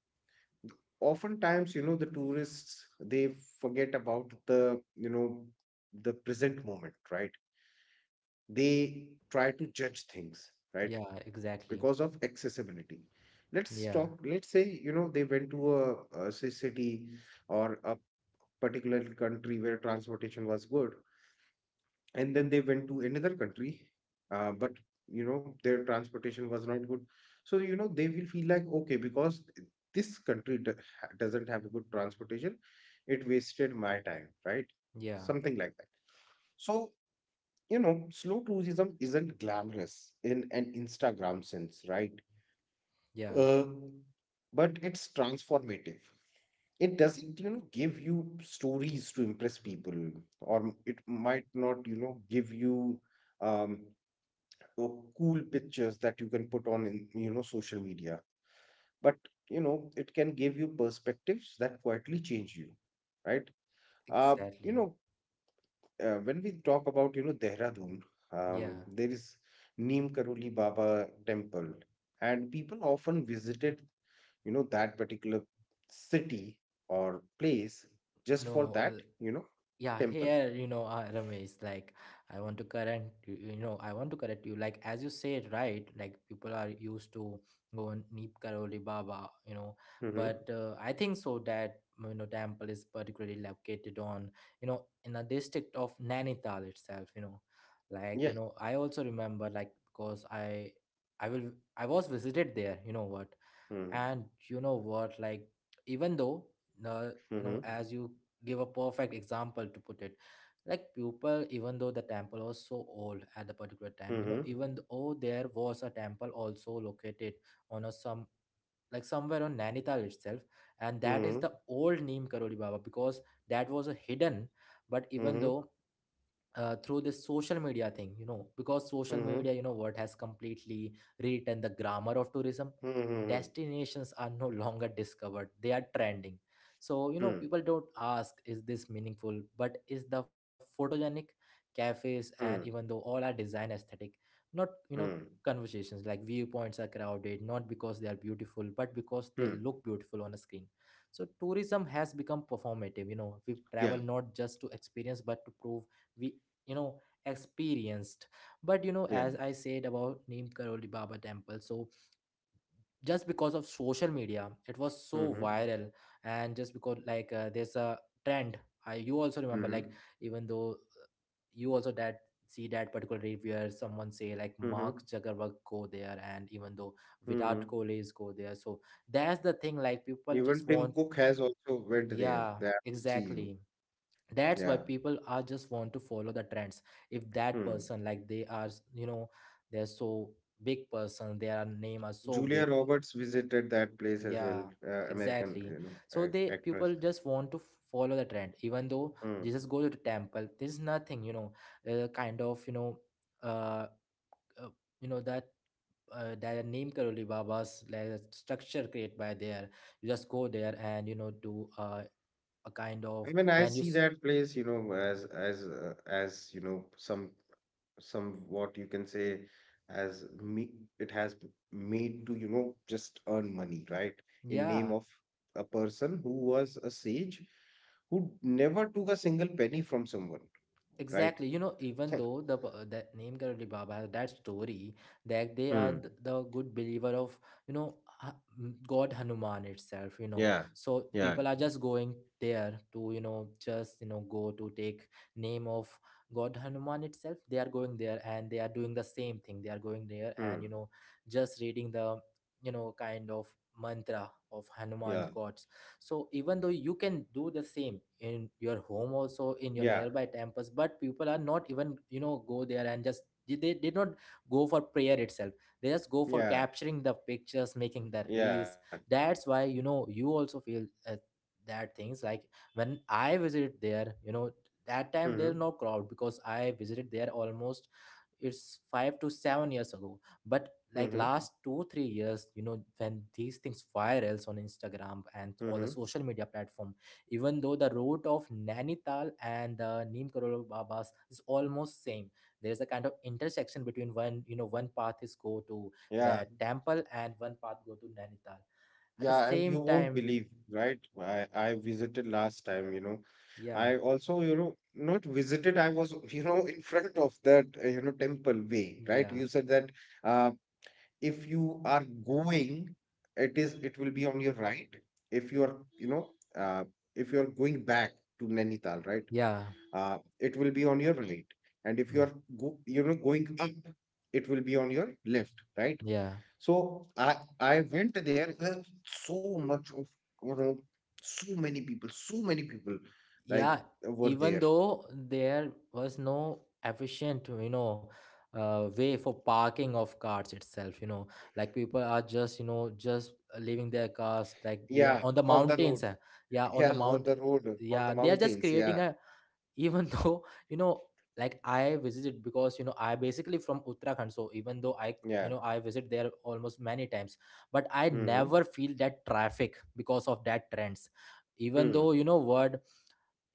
[SPEAKER 2] oftentimes, you know, the tourists, they forget about the, you know, the present moment, right? They try to judge things, right?
[SPEAKER 1] Yeah, exactly.
[SPEAKER 2] Because of accessibility,
[SPEAKER 1] Yeah,
[SPEAKER 2] let's say you know they went to a city or a particular country where transportation was good, and then they went to another country, but you know their transportation was not good. So you know they will feel like okay because this doesn't have a good transportation, it wasted my time, right?
[SPEAKER 1] yeah,
[SPEAKER 2] Something like that. So you know slow tourism isn't glamorous in an Instagram sense, right?
[SPEAKER 1] yeah,
[SPEAKER 2] uh, but it's transformative. It doesn't, you know, give you stories to impress people, or it might not, you know, give you um, uh, cool pictures that you can put on, in, you know, social media. But you know, it can give you perspectives that quietly change you, right? Uh, you
[SPEAKER 1] exactly.
[SPEAKER 2] know, when we talk about, you know, Dehradun,
[SPEAKER 1] Yeah.
[SPEAKER 2] there is Neem Karoli Baba temple, and people often visited you know that particular city or place just for
[SPEAKER 1] No,
[SPEAKER 2] that
[SPEAKER 1] uh,
[SPEAKER 2] you know
[SPEAKER 1] yeah
[SPEAKER 2] temple.
[SPEAKER 1] here you know Ramesh, like I want to correct you, you know I want to correct you, like as you said, right? Like people are used to go on Neep Karoli Baba, you know.
[SPEAKER 2] mm-hmm.
[SPEAKER 1] But I think so that you know temple is particularly located on you know in the district of Nainital itself, you know. Like you
[SPEAKER 2] Yeah.
[SPEAKER 1] know I also remember, like because I will I was visited there, you know what.
[SPEAKER 2] mm-hmm.
[SPEAKER 1] And you know what, like even though the you
[SPEAKER 2] Mm-hmm.
[SPEAKER 1] know as you give a perfect example to put it, like people, even though the temple was so old at the particular time, you know,
[SPEAKER 2] Mm-hmm.
[SPEAKER 1] even though there was a temple also located on a some, like somewhere on Nainital itself, and that is
[SPEAKER 2] Mm-hmm.
[SPEAKER 1] the old Neem Karoli Baba, because that was a hidden. But even
[SPEAKER 2] Mm-hmm.
[SPEAKER 1] though through this social media thing, you know, because social
[SPEAKER 2] Mm-hmm.
[SPEAKER 1] media, you know, what has completely rewritten the grammar of tourism,
[SPEAKER 2] Mm-hmm.
[SPEAKER 1] destinations are no longer discovered, they are trending. So, you know,
[SPEAKER 2] Hmm.
[SPEAKER 1] people don't ask, is this meaningful? But is the photogenic cafes, and even
[SPEAKER 2] Hmm.
[SPEAKER 1] though all are design aesthetic, not, you know,
[SPEAKER 2] Hmm.
[SPEAKER 1] conversations like viewpoints are crowded not because they are beautiful but because they
[SPEAKER 2] Hmm.
[SPEAKER 1] look beautiful on a screen. So tourism has become performative, you know, we travel
[SPEAKER 2] yeah
[SPEAKER 1] not just to experience but to prove we you know experienced. But you know
[SPEAKER 2] yeah
[SPEAKER 1] as I said about Neem Karoli Baba temple, so just because of social media it was so
[SPEAKER 2] mm-hmm.
[SPEAKER 1] viral. And just because like there's a trend. You also remember,
[SPEAKER 2] Mm-hmm.
[SPEAKER 1] like even though you also that see that particular reel where someone say like
[SPEAKER 2] Mm-hmm.
[SPEAKER 1] Mark Zuckerberg go there, and even though
[SPEAKER 2] Mm-hmm.
[SPEAKER 1] Virat Kohli is go there, so that's the thing, like people
[SPEAKER 2] Even
[SPEAKER 1] just
[SPEAKER 2] Tim
[SPEAKER 1] want.
[SPEAKER 2] Cook has also went there,
[SPEAKER 1] Yeah,
[SPEAKER 2] that will see you.
[SPEAKER 1] exactly. That's why
[SPEAKER 2] Yeah.
[SPEAKER 1] people are just want to follow the trends. If that
[SPEAKER 2] hmm.
[SPEAKER 1] person like they are you know they're so big person, their name are so
[SPEAKER 2] Julia
[SPEAKER 1] big.
[SPEAKER 2] Roberts visited that place as
[SPEAKER 1] Yeah,
[SPEAKER 2] well, American,
[SPEAKER 1] exactly.
[SPEAKER 2] you know,
[SPEAKER 1] So
[SPEAKER 2] ac
[SPEAKER 1] they
[SPEAKER 2] actress.
[SPEAKER 1] people just want to follow the trend, even though
[SPEAKER 2] Hmm.
[SPEAKER 1] they just go to the temple. There's nothing, you know, kind of, uh, uh you know that that Name Karoli Baba's like a structure created by there. You just go there and you know do a kind of
[SPEAKER 2] I mean, I
[SPEAKER 1] when you
[SPEAKER 2] see that place, you know, as as you know, some what you can say as me. It has made to you know just earn money, right? In name
[SPEAKER 1] yeah.
[SPEAKER 2] of a person who was a sage, who never took a single penny from someone, right?
[SPEAKER 1] Exactly, you know, even though the that Name Karoli Baba has that story that they are
[SPEAKER 2] Hmm.
[SPEAKER 1] the good believer of you know Ha- God Hanuman itself, you know,
[SPEAKER 2] Yeah.
[SPEAKER 1] so
[SPEAKER 2] Yeah.
[SPEAKER 1] people are just going there to you know just you know go to take name of God Hanuman itself. They are going there and they are doing the same thing. They are going there and
[SPEAKER 2] Hmm.
[SPEAKER 1] you know just reading the you know kind of mantra of Hanuman
[SPEAKER 2] Yeah.
[SPEAKER 1] God. So even though you can do the same in your home also in your
[SPEAKER 2] Yeah.
[SPEAKER 1] nearby temples, but people are not even you know go there, and just they did not go for prayer itself. They just go for
[SPEAKER 2] Yeah.
[SPEAKER 1] capturing the pictures, making the
[SPEAKER 2] Yeah.
[SPEAKER 1] reels. That's why you know you also feel that things like when I visited there, you know, that time
[SPEAKER 2] Mm-hmm.
[SPEAKER 1] there's no crowd because I visited there almost, it's 5 to 7 years ago. But like
[SPEAKER 2] Mm-hmm.
[SPEAKER 1] last 2 3 years, you know, when these things virals on Instagram and all the
[SPEAKER 2] Mm-hmm.
[SPEAKER 1] social media platform. Even though the route of Nanital and the Neem Karol Babas is almost same, there's a kind of intersection between one, you know, one path is go to
[SPEAKER 2] Yeah.
[SPEAKER 1] the temple and one path go to Nanital at the
[SPEAKER 2] Yeah, and you
[SPEAKER 1] same
[SPEAKER 2] won't
[SPEAKER 1] time.
[SPEAKER 2] believe, right? I visited last time, you know.
[SPEAKER 1] Yeah,
[SPEAKER 2] I also, you know, not visited, I was, you know, in front of that, you know, temple way, right?
[SPEAKER 1] yeah,
[SPEAKER 2] You said that uh, if you are going, it will be on your right. If you are, you know, uh, if you are going back to Nainital, right?
[SPEAKER 1] yeah,
[SPEAKER 2] It will be on your right. And if you are
[SPEAKER 1] ye-
[SPEAKER 2] go, you know, going up, it will be on your left, right?
[SPEAKER 1] yeah,
[SPEAKER 2] So I went there. There are so much of you know, so many people, like
[SPEAKER 1] yeah.
[SPEAKER 2] were
[SPEAKER 1] Even
[SPEAKER 2] there.
[SPEAKER 1] though there was no efficient you know way for parking of cars itself, you know, like people are just you know just leaving their cars like beyond
[SPEAKER 2] Yeah,
[SPEAKER 1] on the
[SPEAKER 2] on the
[SPEAKER 1] mountains,
[SPEAKER 2] road.
[SPEAKER 1] yeah, on
[SPEAKER 2] Yeah,
[SPEAKER 1] the
[SPEAKER 2] on
[SPEAKER 1] mount,
[SPEAKER 2] the road, on the
[SPEAKER 1] yeah. They are just
[SPEAKER 2] mountains.
[SPEAKER 1] creating
[SPEAKER 2] Yeah,
[SPEAKER 1] a, even though you know, like I visited, because you know I basically from Uttarakhand, so even though I you
[SPEAKER 2] yeah.
[SPEAKER 1] know I visit there almost many times, but I
[SPEAKER 2] Hmm.
[SPEAKER 1] never feel that traffic because of that trends. Even
[SPEAKER 2] Hmm.
[SPEAKER 1] though you know what,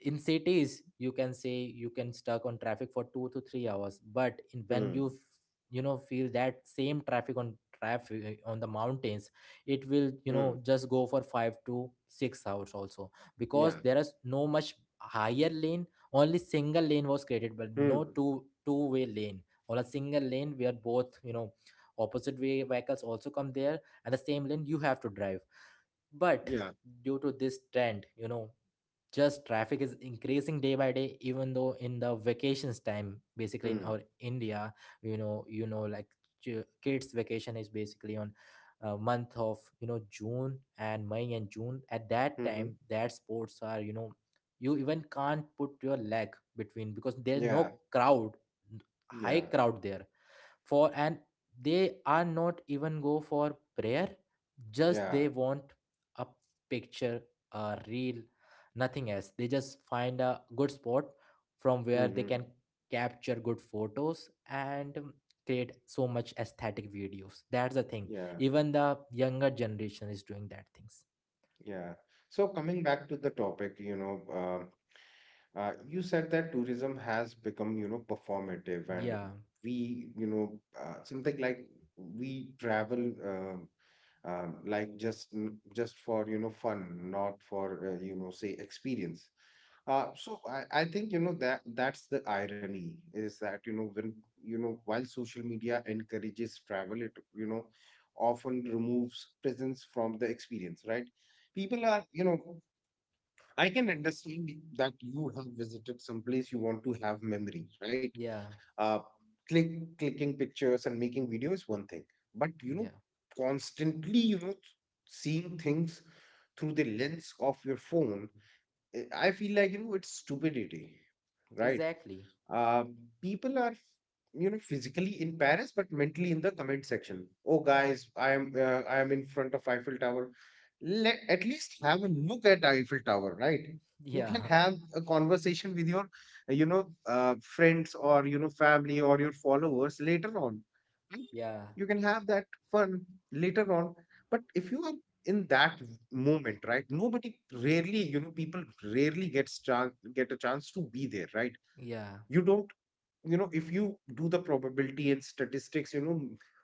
[SPEAKER 1] in cities you can say you can stuck on traffic for 2 to 3 hours, but when
[SPEAKER 2] Hmm.
[SPEAKER 1] you you know feel that same traffic on traffic on the mountains, it will you
[SPEAKER 2] Hmm.
[SPEAKER 1] know just go for 5 to 6 hours also, because
[SPEAKER 2] Yeah.
[SPEAKER 1] there is no much higher lane. Only single lane was created, but
[SPEAKER 2] Hmm.
[SPEAKER 1] no two-way lane, or a single lane where both you know opposite way vehicles also come there and the same lane you have to drive. But
[SPEAKER 2] Yeah.
[SPEAKER 1] due to this trend you know just traffic is increasing day by day, even though in the vacations time basically in
[SPEAKER 2] Hmm.
[SPEAKER 1] our India, you know, you know like kids vacation is basically on month of you know June and May and June, at that
[SPEAKER 2] Hmm.
[SPEAKER 1] time that sports are you know you even can't put your leg between, because there's
[SPEAKER 2] Yeah.
[SPEAKER 1] no crowd, high
[SPEAKER 2] Yeah.
[SPEAKER 1] crowd there for. And they are not even go for prayer, just
[SPEAKER 2] Yeah.
[SPEAKER 1] they want a picture, a reel, nothing else. They just find a good spot from where they
[SPEAKER 2] Hmm.
[SPEAKER 1] can capture good photos and create so much aesthetic videos. That's the thing,
[SPEAKER 2] Yeah.
[SPEAKER 1] even the younger generation is doing that things.
[SPEAKER 2] Yeah. So coming back to the topic, you know, you said that tourism has become, you know, performative, and
[SPEAKER 1] Yeah,
[SPEAKER 2] we, you know, something like we travel um, like just just for, you know, fun, not for, you know, say experience. So I think, you know, that that's the irony is that, you know, when, you know, while social media encourages travel, it, you know, often removes presence from the experience, right? People are, I can understand that you have visited some place, you want to have memory, right?
[SPEAKER 1] yeah,
[SPEAKER 2] uh click Clicking pictures and making video is one thing, but
[SPEAKER 1] yeah,
[SPEAKER 2] constantly, seeing things through the lens of your phone, I feel like it's stupidity, right?
[SPEAKER 1] exactly.
[SPEAKER 2] um, People are, physically in Paris, but mentally in the comment section. Oh, guys, I am in front of Eiffel Tower. Let at least have a look at Eiffel Tower, right? You can
[SPEAKER 1] Yeah,
[SPEAKER 2] have a conversation with your, friends or family or your followers later on. Right?
[SPEAKER 1] yeah,
[SPEAKER 2] You can have that fun later on. But if you are in that moment, right? Nobody rarely, people rarely get a chance to be there, right?
[SPEAKER 1] yeah,
[SPEAKER 2] You don't, if you do the probability and statistics,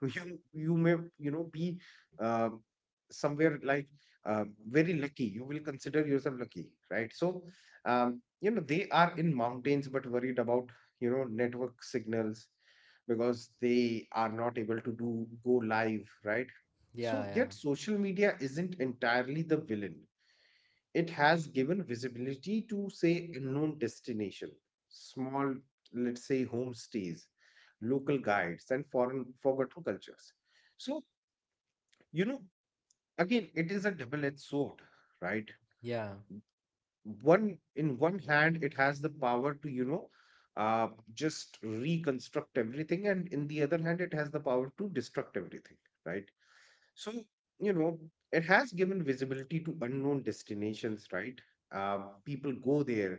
[SPEAKER 2] you may, be um, somewhere like uh, very lucky, you will consider yourself lucky, right? So they are in mountains but worried about, network signals, because they are not able to do go live, right?
[SPEAKER 1] yeah,
[SPEAKER 2] So
[SPEAKER 1] yeah,
[SPEAKER 2] yet social media isn't entirely the villain. It has given visibility to, say, unknown destination, small, let's say, homestays, local guides and foreign forgotten cultures. So, you know again, it is a double-edged sword, right?
[SPEAKER 1] yeah,
[SPEAKER 2] One in one hand it has the power to, uh, just reconstruct everything, and in the other hand it has the power to destruct everything, right. So, you know, it has given visibility to unknown destinations, right? People go there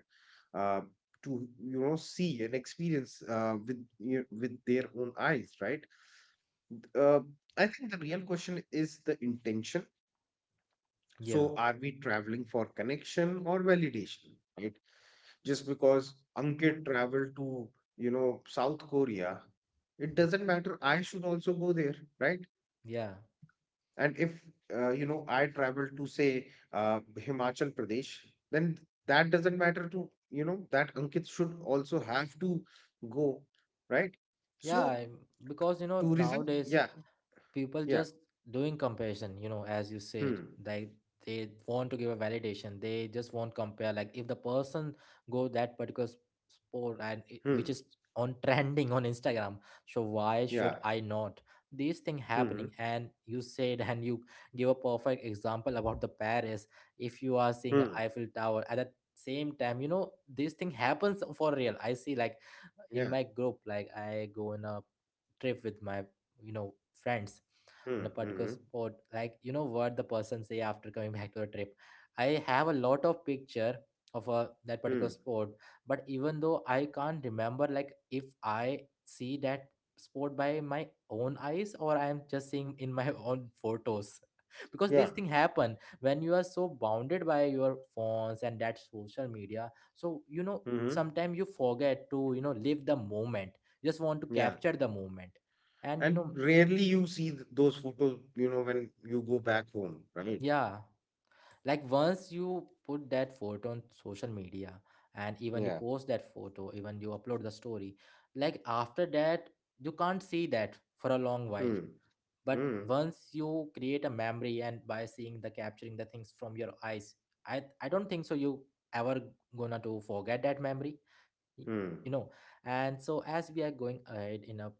[SPEAKER 2] uh, to, see and experience with you with their own eyes, right? Uh, I think the real question is the intention.
[SPEAKER 1] yeah,
[SPEAKER 2] So, are we traveling for connection or validation, right? Just because Ankit traveled to, South Korea, it doesn't matter. I should also go there, right?
[SPEAKER 1] yeah,
[SPEAKER 2] And if, I travel to, say, Himachal Pradesh, then that doesn't matter to, that Ankit should also have to go, right?
[SPEAKER 1] yeah.
[SPEAKER 2] So,
[SPEAKER 1] Because you know
[SPEAKER 2] tourism,
[SPEAKER 1] nowadays
[SPEAKER 2] yeah,
[SPEAKER 1] people
[SPEAKER 2] yeah,
[SPEAKER 1] just doing comparison, you know as you said,
[SPEAKER 2] hmm,
[SPEAKER 1] they want to give a validation, they just won't compare, like if the person go that particular sport and it,
[SPEAKER 2] hmm,
[SPEAKER 1] which is on trending on Instagram, so why
[SPEAKER 2] yeah,
[SPEAKER 1] should I not? These thing
[SPEAKER 2] hmm,
[SPEAKER 1] happening, and you said and you give a perfect example about the Paris. If you are seeing a
[SPEAKER 2] hmm,
[SPEAKER 1] Eiffel Tower at the same time, you know this thing happens for real, I see, like
[SPEAKER 2] yeah,
[SPEAKER 1] in my group, like I go in a trip with my you know friends
[SPEAKER 2] hmm,
[SPEAKER 1] on a
[SPEAKER 2] hmm,
[SPEAKER 1] particular spot, like you know what the person say after coming back to a trip, I have a lot of picture of a, that
[SPEAKER 2] hmm,
[SPEAKER 1] particular sport. But even though I can't remember, like if I see that sport by my own eyes or I am just seeing in my own photos, because
[SPEAKER 2] yeah,
[SPEAKER 1] this thing happen when you are so bounded by your phones and that social media, so you know
[SPEAKER 2] hmm,
[SPEAKER 1] sometimes you forget to you know live the moment, just want to
[SPEAKER 2] yeah.
[SPEAKER 1] capture the moment. And you know,
[SPEAKER 2] And rarely you see those photos, when you go back home, right?
[SPEAKER 1] yeah, like once you put that photo on social media, and even you
[SPEAKER 2] Yeah.
[SPEAKER 1] post that photo, even you upload the story, like after that you can't see that for a long while.
[SPEAKER 2] Hmm.
[SPEAKER 1] But
[SPEAKER 2] Hmm.
[SPEAKER 1] once you create a memory and by seeing the capturing the things from your eyes, I don't think so you ever gonna to forget that memory. y-
[SPEAKER 2] Hmm.
[SPEAKER 1] you know. And so as we are going ahead in a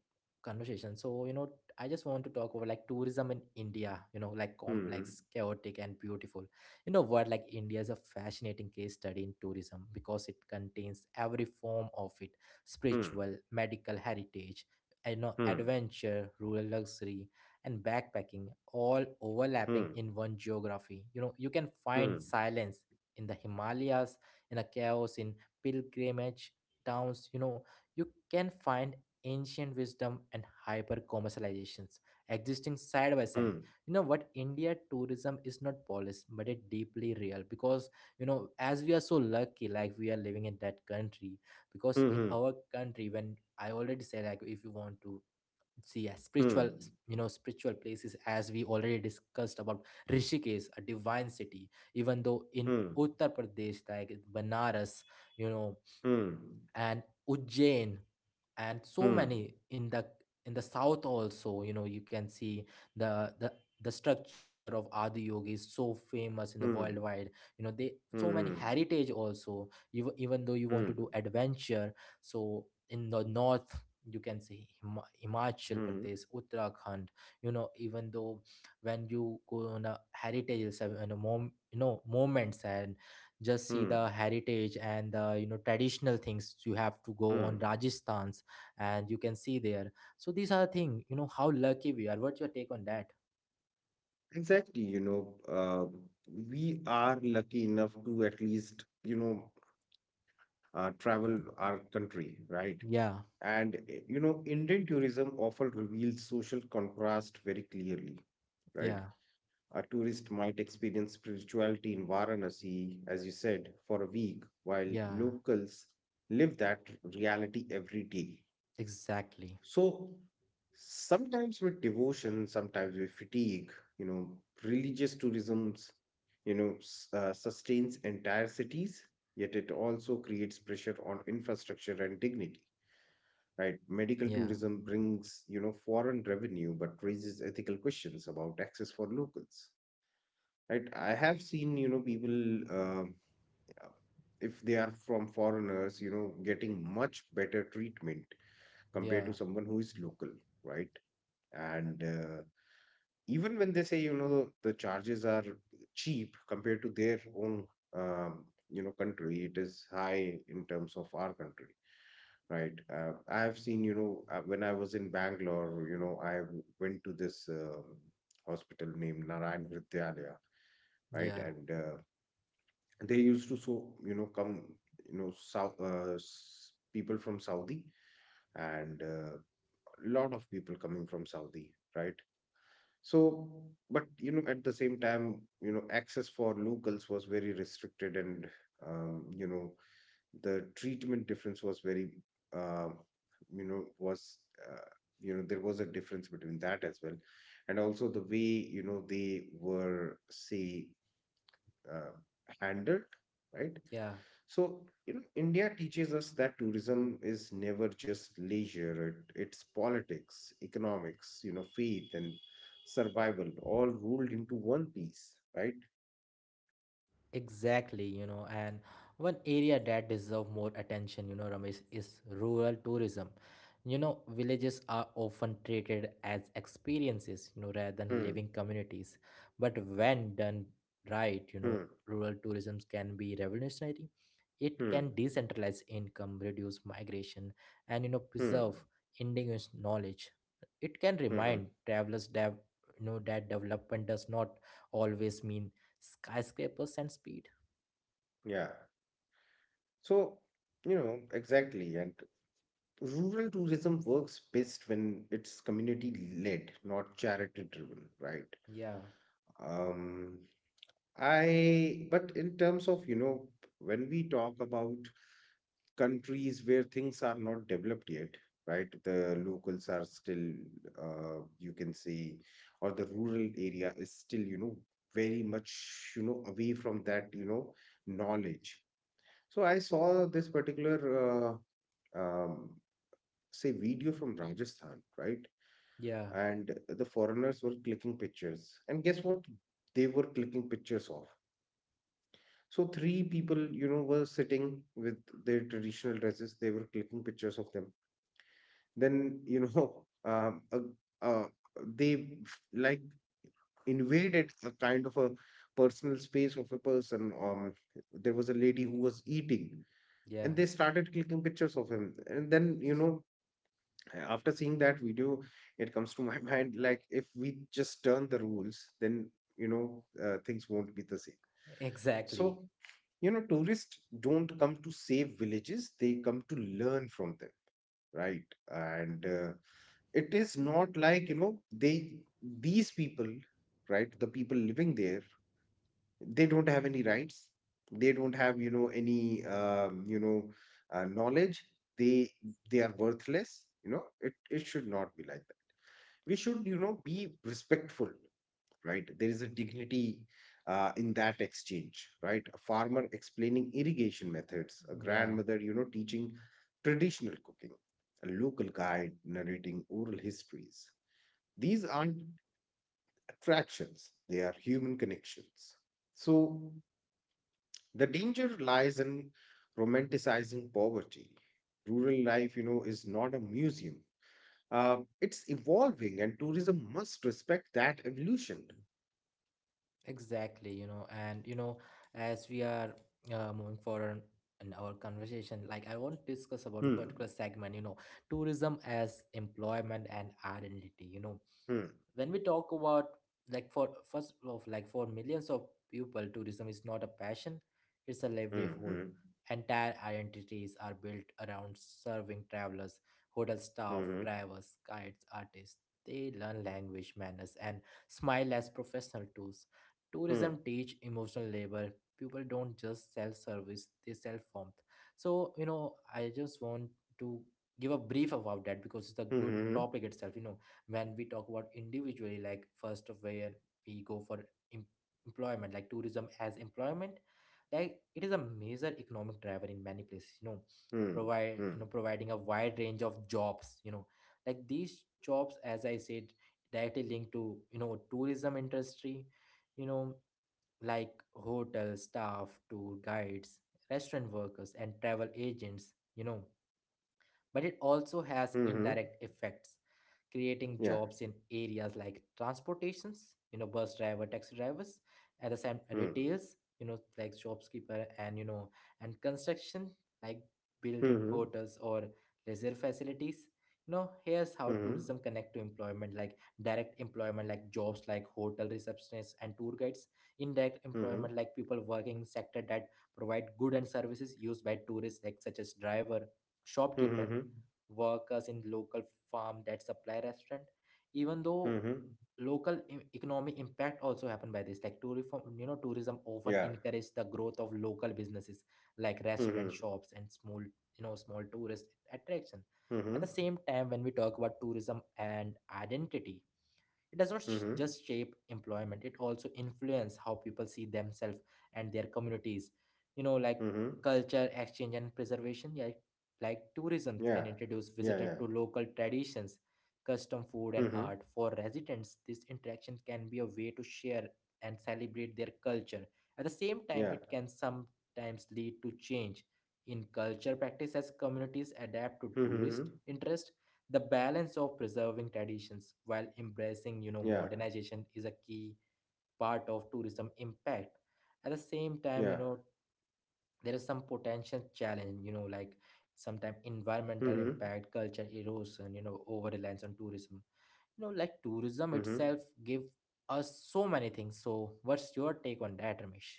[SPEAKER 1] conversation, so you know I just want to talk about like tourism in India, you know, like
[SPEAKER 2] Hmm. Hmm.
[SPEAKER 1] complex, chaotic and beautiful. You know what, like India is a fascinating case study in tourism because it contains every form of it:
[SPEAKER 2] Hmm.
[SPEAKER 1] spiritual, medical, heritage, you know,
[SPEAKER 2] Hmm.
[SPEAKER 1] adventure, rural, luxury, and backpacking, all overlapping
[SPEAKER 2] Hmm.
[SPEAKER 1] in one geography. You know, you can
[SPEAKER 2] Hmm.
[SPEAKER 1] find silence in the Himalayas, in a chaos in pilgrimage towns. You know, you can find ancient wisdom and hyper commercializations existing side by side.
[SPEAKER 2] Hmm.
[SPEAKER 1] You know what, India tourism is not polished but it deeply real, because you know as we are so lucky, like we are living in that country. Because in
[SPEAKER 2] Hmm.
[SPEAKER 1] our country, when I already said, like if you want to see a
[SPEAKER 2] Hmm.
[SPEAKER 1] spiritual spiritual places, as we already discussed about Rishikesh, a divine city, even though in
[SPEAKER 2] Hmm.
[SPEAKER 1] Uttar Pradesh like Banaras, you know,
[SPEAKER 2] Hmm.
[SPEAKER 1] and Ujjain, and so
[SPEAKER 2] Hmm.
[SPEAKER 1] many in the south also, you know, you can see the the structure of Adi Yogi is so famous in the
[SPEAKER 2] Hmm.
[SPEAKER 1] worldwide. You know they so many
[SPEAKER 2] Hmm.
[SPEAKER 1] heritage also. Even though you want
[SPEAKER 2] Hmm.
[SPEAKER 1] to do adventure, so in the north you can see Himachal
[SPEAKER 2] Hmm.
[SPEAKER 1] Pradesh, Uttarakhand. You know, even though when you go on a heritage you know mom you know moments, and just see
[SPEAKER 2] Hmm.
[SPEAKER 1] the heritage and the you know traditional things, you have to go
[SPEAKER 2] Hmm.
[SPEAKER 1] on Rajasthan's, and you can see there. So these are the thing, you know how lucky we are. What's your take on that?
[SPEAKER 2] Exactly, we are lucky enough to at least, travel our country, right?
[SPEAKER 1] Yeah,
[SPEAKER 2] And, Indian tourism often reveals social contrast very clearly, right?
[SPEAKER 1] yeah,
[SPEAKER 2] A tourist might experience spirituality in Varanasi, as you said, for a week, while
[SPEAKER 1] yeah,
[SPEAKER 2] locals live that reality every day.
[SPEAKER 1] exactly.
[SPEAKER 2] So sometimes with devotion, sometimes with fatigue, you know, religious tourism, sustains entire cities, yet it also creates pressure on infrastructure and dignity. Right, medical
[SPEAKER 1] Yeah,
[SPEAKER 2] tourism brings, foreign revenue, but raises ethical questions about access for locals. Right. I have seen, people, um, uh, if they are from foreigners, getting much better treatment compared to
[SPEAKER 1] yeah,
[SPEAKER 2] someone who is local, right? And even when they say, the charges are cheap compared to their own, country, it is high in terms of our country, right. I have seen, when I was in Bangalore, I went to this hospital named Narayan Hridyalaya, right.
[SPEAKER 1] yeah,
[SPEAKER 2] And they used to, come, south, people from Saudi, and a lot of people coming from Saudi, right. So, but at the same time, access for locals was very restricted, and um, you know, the treatment difference was very, uh, was uh, there was a difference between that as well, and also the way, they were, say, uh, handled, right?
[SPEAKER 1] yeah.
[SPEAKER 2] So, India teaches us that tourism is never just leisure, it's politics, economics, faith and survival, all rolled into one piece, right?
[SPEAKER 1] Exactly, you know, and one area that deserve more attention, you know, Ramesh, is rural tourism. You know, villages are often treated as experiences, you know, rather than
[SPEAKER 2] Hmm,
[SPEAKER 1] living communities. But when done right, you know,
[SPEAKER 2] hmm,
[SPEAKER 1] rural tourism can be revolutionary. It
[SPEAKER 2] hmm,
[SPEAKER 1] can decentralize income, reduce migration, and you know,
[SPEAKER 2] hmm,
[SPEAKER 1] preserve indigenous knowledge. It can
[SPEAKER 2] hmm, hmm.
[SPEAKER 1] remind travelers that you know that development does not always mean skyscrapers and speed.
[SPEAKER 2] Yeah. So, exactly. And rural tourism works best when it's community led, not charity driven, right?
[SPEAKER 1] Yeah,
[SPEAKER 2] Um, I, but in terms of, when we talk about countries where things are not developed yet, right? The locals are still, you can say, or the rural area is still, very much, away from that, knowledge. So I saw this particular, uh, um, say, video from Rajasthan, right?
[SPEAKER 1] yeah,
[SPEAKER 2] And the foreigners were clicking pictures. And guess what? They were clicking pictures of. So three people, were sitting with their traditional dresses. They were clicking pictures of them. Then, uh, they like invaded a kind of a personal space of a person. There was a lady who was eating,
[SPEAKER 1] yeah,
[SPEAKER 2] and they started clicking pictures of him. And then, after seeing that video, it comes to my mind, like, if we just turn the rules, then, things won't be the same.
[SPEAKER 1] exactly.
[SPEAKER 2] So, tourists don't come to save villages, they come to learn from them, right? And it is not like, they these people, right, the people living there, they don't have any rights, they don't have, you know any you know knowledge, they they are worthless, it should not be like that. We should, be respectful, right. There is a dignity in that exchange, right? A farmer explaining irrigation methods, a
[SPEAKER 1] Yeah,
[SPEAKER 2] grandmother, teaching traditional cooking, a local guide narrating oral histories, these aren't attractions, they are human connections. So the danger lies in romanticizing poverty. Rural life, is not a museum. It's evolving, and tourism must respect that evolution.
[SPEAKER 1] exactly. You know, and you know, as we are moving forward in our conversation, like I want to discuss about a particular
[SPEAKER 2] Hmm.
[SPEAKER 1] segment, you know, tourism as employment and identity, you know.
[SPEAKER 2] Hmm.
[SPEAKER 1] When we talk about, like, for first of, like, for millions of people, tourism is not a passion, it's a
[SPEAKER 2] Hmm.
[SPEAKER 1] livelihood.
[SPEAKER 2] Hmm.
[SPEAKER 1] Entire identities are built around serving travelers. Hotel staff, drivers, guides, artists, they learn language, manners, and smile as professional tools.
[SPEAKER 2] Hmm. Hmm.
[SPEAKER 1] Tourism teach emotional labor. People don't just sell service, they sell warmth. So you know, I just want to give a brief about that because it's a good
[SPEAKER 2] Hmm.
[SPEAKER 1] topic itself, you know. When we talk about individually, like first of where we go for em- employment, like tourism as employment, like it is a major economic driver in many places, you know.
[SPEAKER 2] Hmm.
[SPEAKER 1] Provide, you know, providing a wide range of jobs, you know, like these jobs, as I said, directly linked to, you know, tourism industry, you know, like hotel staff, tour guides, restaurant workers, and travel agents, you know. But it also has
[SPEAKER 2] Hmm.
[SPEAKER 1] indirect effects, creating jobs in areas like transportations, you know, bus driver, taxi drivers, at the same retails, you know, like shopkeeper, and you know, and construction, like building
[SPEAKER 2] Hmm.
[SPEAKER 1] hotels or leisure facilities, you know. Here's how
[SPEAKER 2] Hmm.
[SPEAKER 1] tourism connect to employment, like direct employment, like jobs like hotel receptionists and tour guides.
[SPEAKER 2] Hmm. Hmm. Hmm. Yeah. Hmm. Hmm. Hmm.
[SPEAKER 1] Indirect
[SPEAKER 2] Hmm. Hmm. Hmm.
[SPEAKER 1] employment,
[SPEAKER 2] Hmm.
[SPEAKER 1] like people working in sector that provide good and services used by tourists, like such as driver, shopkeeper,
[SPEAKER 2] Hmm. Hmm.
[SPEAKER 1] workers in local farm that supply restaurant. Even though
[SPEAKER 2] Hmm. Hmm.
[SPEAKER 1] local economic impact also happen by this, like tourism, you know, tourism often
[SPEAKER 2] Yeah.
[SPEAKER 1] encourage the growth of local businesses like
[SPEAKER 2] Hmm.
[SPEAKER 1] restaurant,
[SPEAKER 2] Hmm.
[SPEAKER 1] shops, and small, you know, small tourist attraction. At
[SPEAKER 2] Hmm.
[SPEAKER 1] the same time, when we talk about tourism and identity, it does not
[SPEAKER 2] Hmm. Hmm.
[SPEAKER 1] just shape employment, it also influences how people see themselves and their communities. You know, like
[SPEAKER 2] Hmm. Hmm.
[SPEAKER 1] culture, exchange, and preservation. Yeah, like tourism can
[SPEAKER 2] Yeah.
[SPEAKER 1] introduce
[SPEAKER 2] Yeah.
[SPEAKER 1] visitors
[SPEAKER 2] Yeah.
[SPEAKER 1] to local traditions, custom food,
[SPEAKER 2] Hmm.
[SPEAKER 1] and
[SPEAKER 2] Hmm.
[SPEAKER 1] art. For residents, this interaction can be a way to share and celebrate their culture. At the same time,
[SPEAKER 2] Yeah.
[SPEAKER 1] it can sometimes lead to change in culture practice as communities adapt to
[SPEAKER 2] Hmm. Hmm.
[SPEAKER 1] tourist
[SPEAKER 2] Hmm.
[SPEAKER 1] interest. The balance of preserving traditions while embracing, you know,
[SPEAKER 2] Yeah,
[SPEAKER 1] modernization is a key part of tourism impact. At the same time, you
[SPEAKER 2] yeah.
[SPEAKER 1] know, there is some potential challenge, you know, like sometimes environmental
[SPEAKER 2] Mm-hmm.
[SPEAKER 1] impact, culture erosion, you know, over reliance on tourism, you know. Like tourism
[SPEAKER 2] Mm-hmm.
[SPEAKER 1] itself give us so many things, so what's your take on that, Ramesh?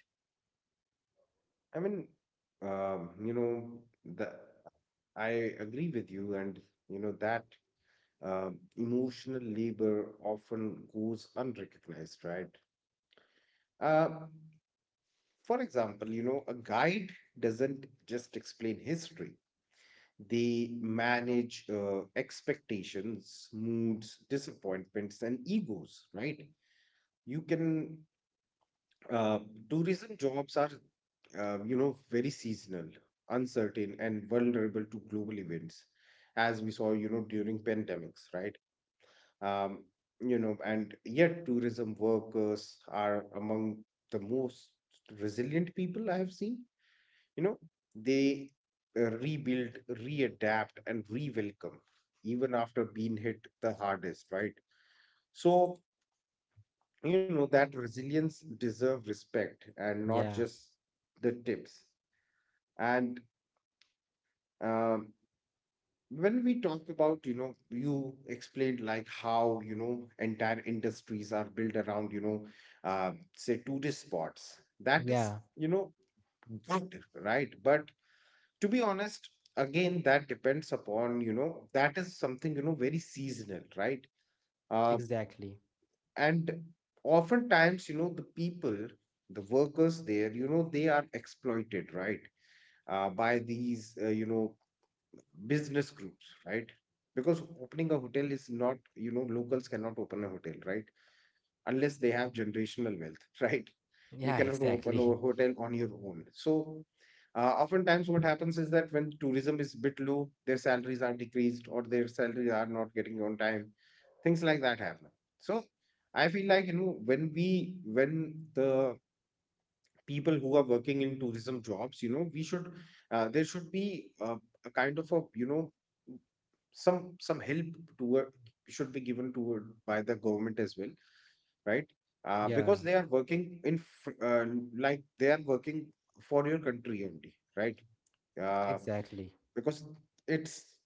[SPEAKER 2] I mean, um, you know, the I agree with you, and that emotional labor often goes unrecognized, right? Uh, for example, a guide doesn't just explain history; they manage expectations, moods, disappointments, and egos, right? You can Uh, tourism jobs are, very seasonal, uncertain, and vulnerable to global events, as we saw, during pandemics, right? Um, and yet tourism workers are among the most resilient people I have seen. You know, they rebuild, readapt, and re-welcome even after being hit the hardest, right? So that resilience deserve respect, and not
[SPEAKER 1] Yeah,
[SPEAKER 2] just the tips. And um, when we talk about, you explained like how, entire industries are built around, say, tourist spots, that is,
[SPEAKER 1] yeah,
[SPEAKER 2] good, right? But to be honest, again, that depends upon, that is something, very seasonal, right. Um,
[SPEAKER 1] exactly.
[SPEAKER 2] and oftentimes, the workers there, they are exploited, right, by these business groups, right, because opening a hotel is not, locals cannot open a hotel, right, unless they have generational wealth, right? You
[SPEAKER 1] Yeah,
[SPEAKER 2] cannot open a
[SPEAKER 1] exactly.
[SPEAKER 2] hotel on your own. So, oftentimes, what happens is that when tourism is a bit low, their salaries are decreased, or their salaries are not getting on time. Things like that happen. So, I feel like, when the people who are working in tourism jobs, we should, there should be a kind of a, some help toward should be given toward by the government as well, right?
[SPEAKER 1] Yeah,
[SPEAKER 2] Because they are working in like they are working for your country only, right? Uh,
[SPEAKER 1] exactly.
[SPEAKER 2] because it's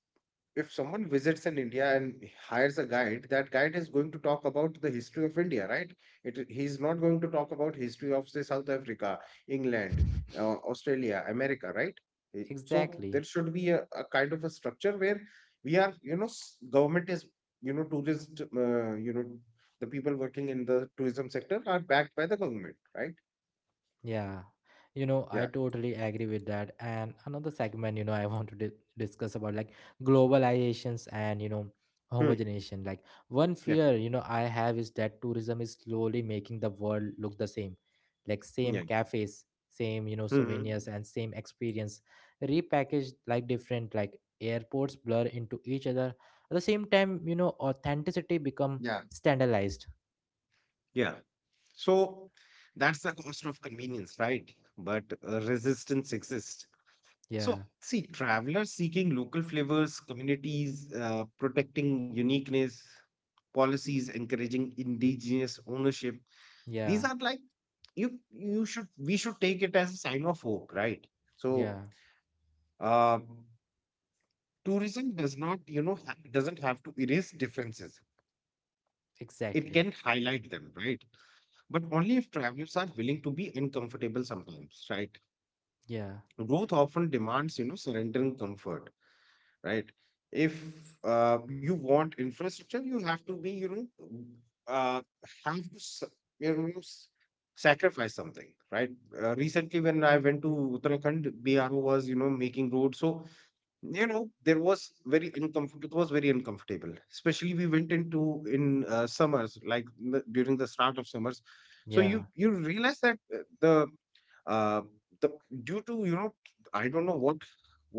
[SPEAKER 2] if someone visits in India and hires a guide, that guide is going to talk about the history of India, right? It he's not going to talk about history of, say, South Africa, England, Australia, America, right? So
[SPEAKER 1] Exactly.
[SPEAKER 2] there should be a kind of a structure where we are, government is, tourist, the people working in the tourism sector are backed by the government, right?
[SPEAKER 1] Yeah, you know, I
[SPEAKER 2] Yeah.
[SPEAKER 1] totally agree with that. And another segment, you know, I want to discuss about, like, globalizations and, you know,
[SPEAKER 2] Hmm.
[SPEAKER 1] homogenization. Like one
[SPEAKER 2] Yeah.
[SPEAKER 1] fear, you know, I have is that tourism is slowly making the world look the same, like same
[SPEAKER 2] Yeah.
[SPEAKER 1] cafes, same, you know,
[SPEAKER 2] Hmm.
[SPEAKER 1] souvenirs, and same experience repackaged like different, like airports blur into each other. At the same time, you know, authenticity become
[SPEAKER 2] Yeah.
[SPEAKER 1] standardized.
[SPEAKER 2] Yeah. So that's the cost of convenience, right? But resistance exists. So,
[SPEAKER 1] Yeah,
[SPEAKER 2] see, travelers seeking local flavors, communities protecting uniqueness, policies encouraging indigenous ownership. These
[SPEAKER 1] yeah,
[SPEAKER 2] are like, you should we should take it as a sign of hope, right? So,
[SPEAKER 1] yeah,
[SPEAKER 2] uh, tourism does not, doesn't have to erase differences. It
[SPEAKER 1] exactly.
[SPEAKER 2] can highlight them, right? But only if travelers are willing to be uncomfortable sometimes, right?
[SPEAKER 1] Yeah.
[SPEAKER 2] Growth often demands surrendering comfort, right? If you want infrastructure, you have to be, uh, have to you know s- sacrifice something, right? Recently when I went to Uttarakhand, bro, was making roads, so there was very uncomfortable. It was very uncomfortable, especially we went into in summers, like during the start of summers. So you
[SPEAKER 1] Yeah,
[SPEAKER 2] you realize that uh, the due to I don't know what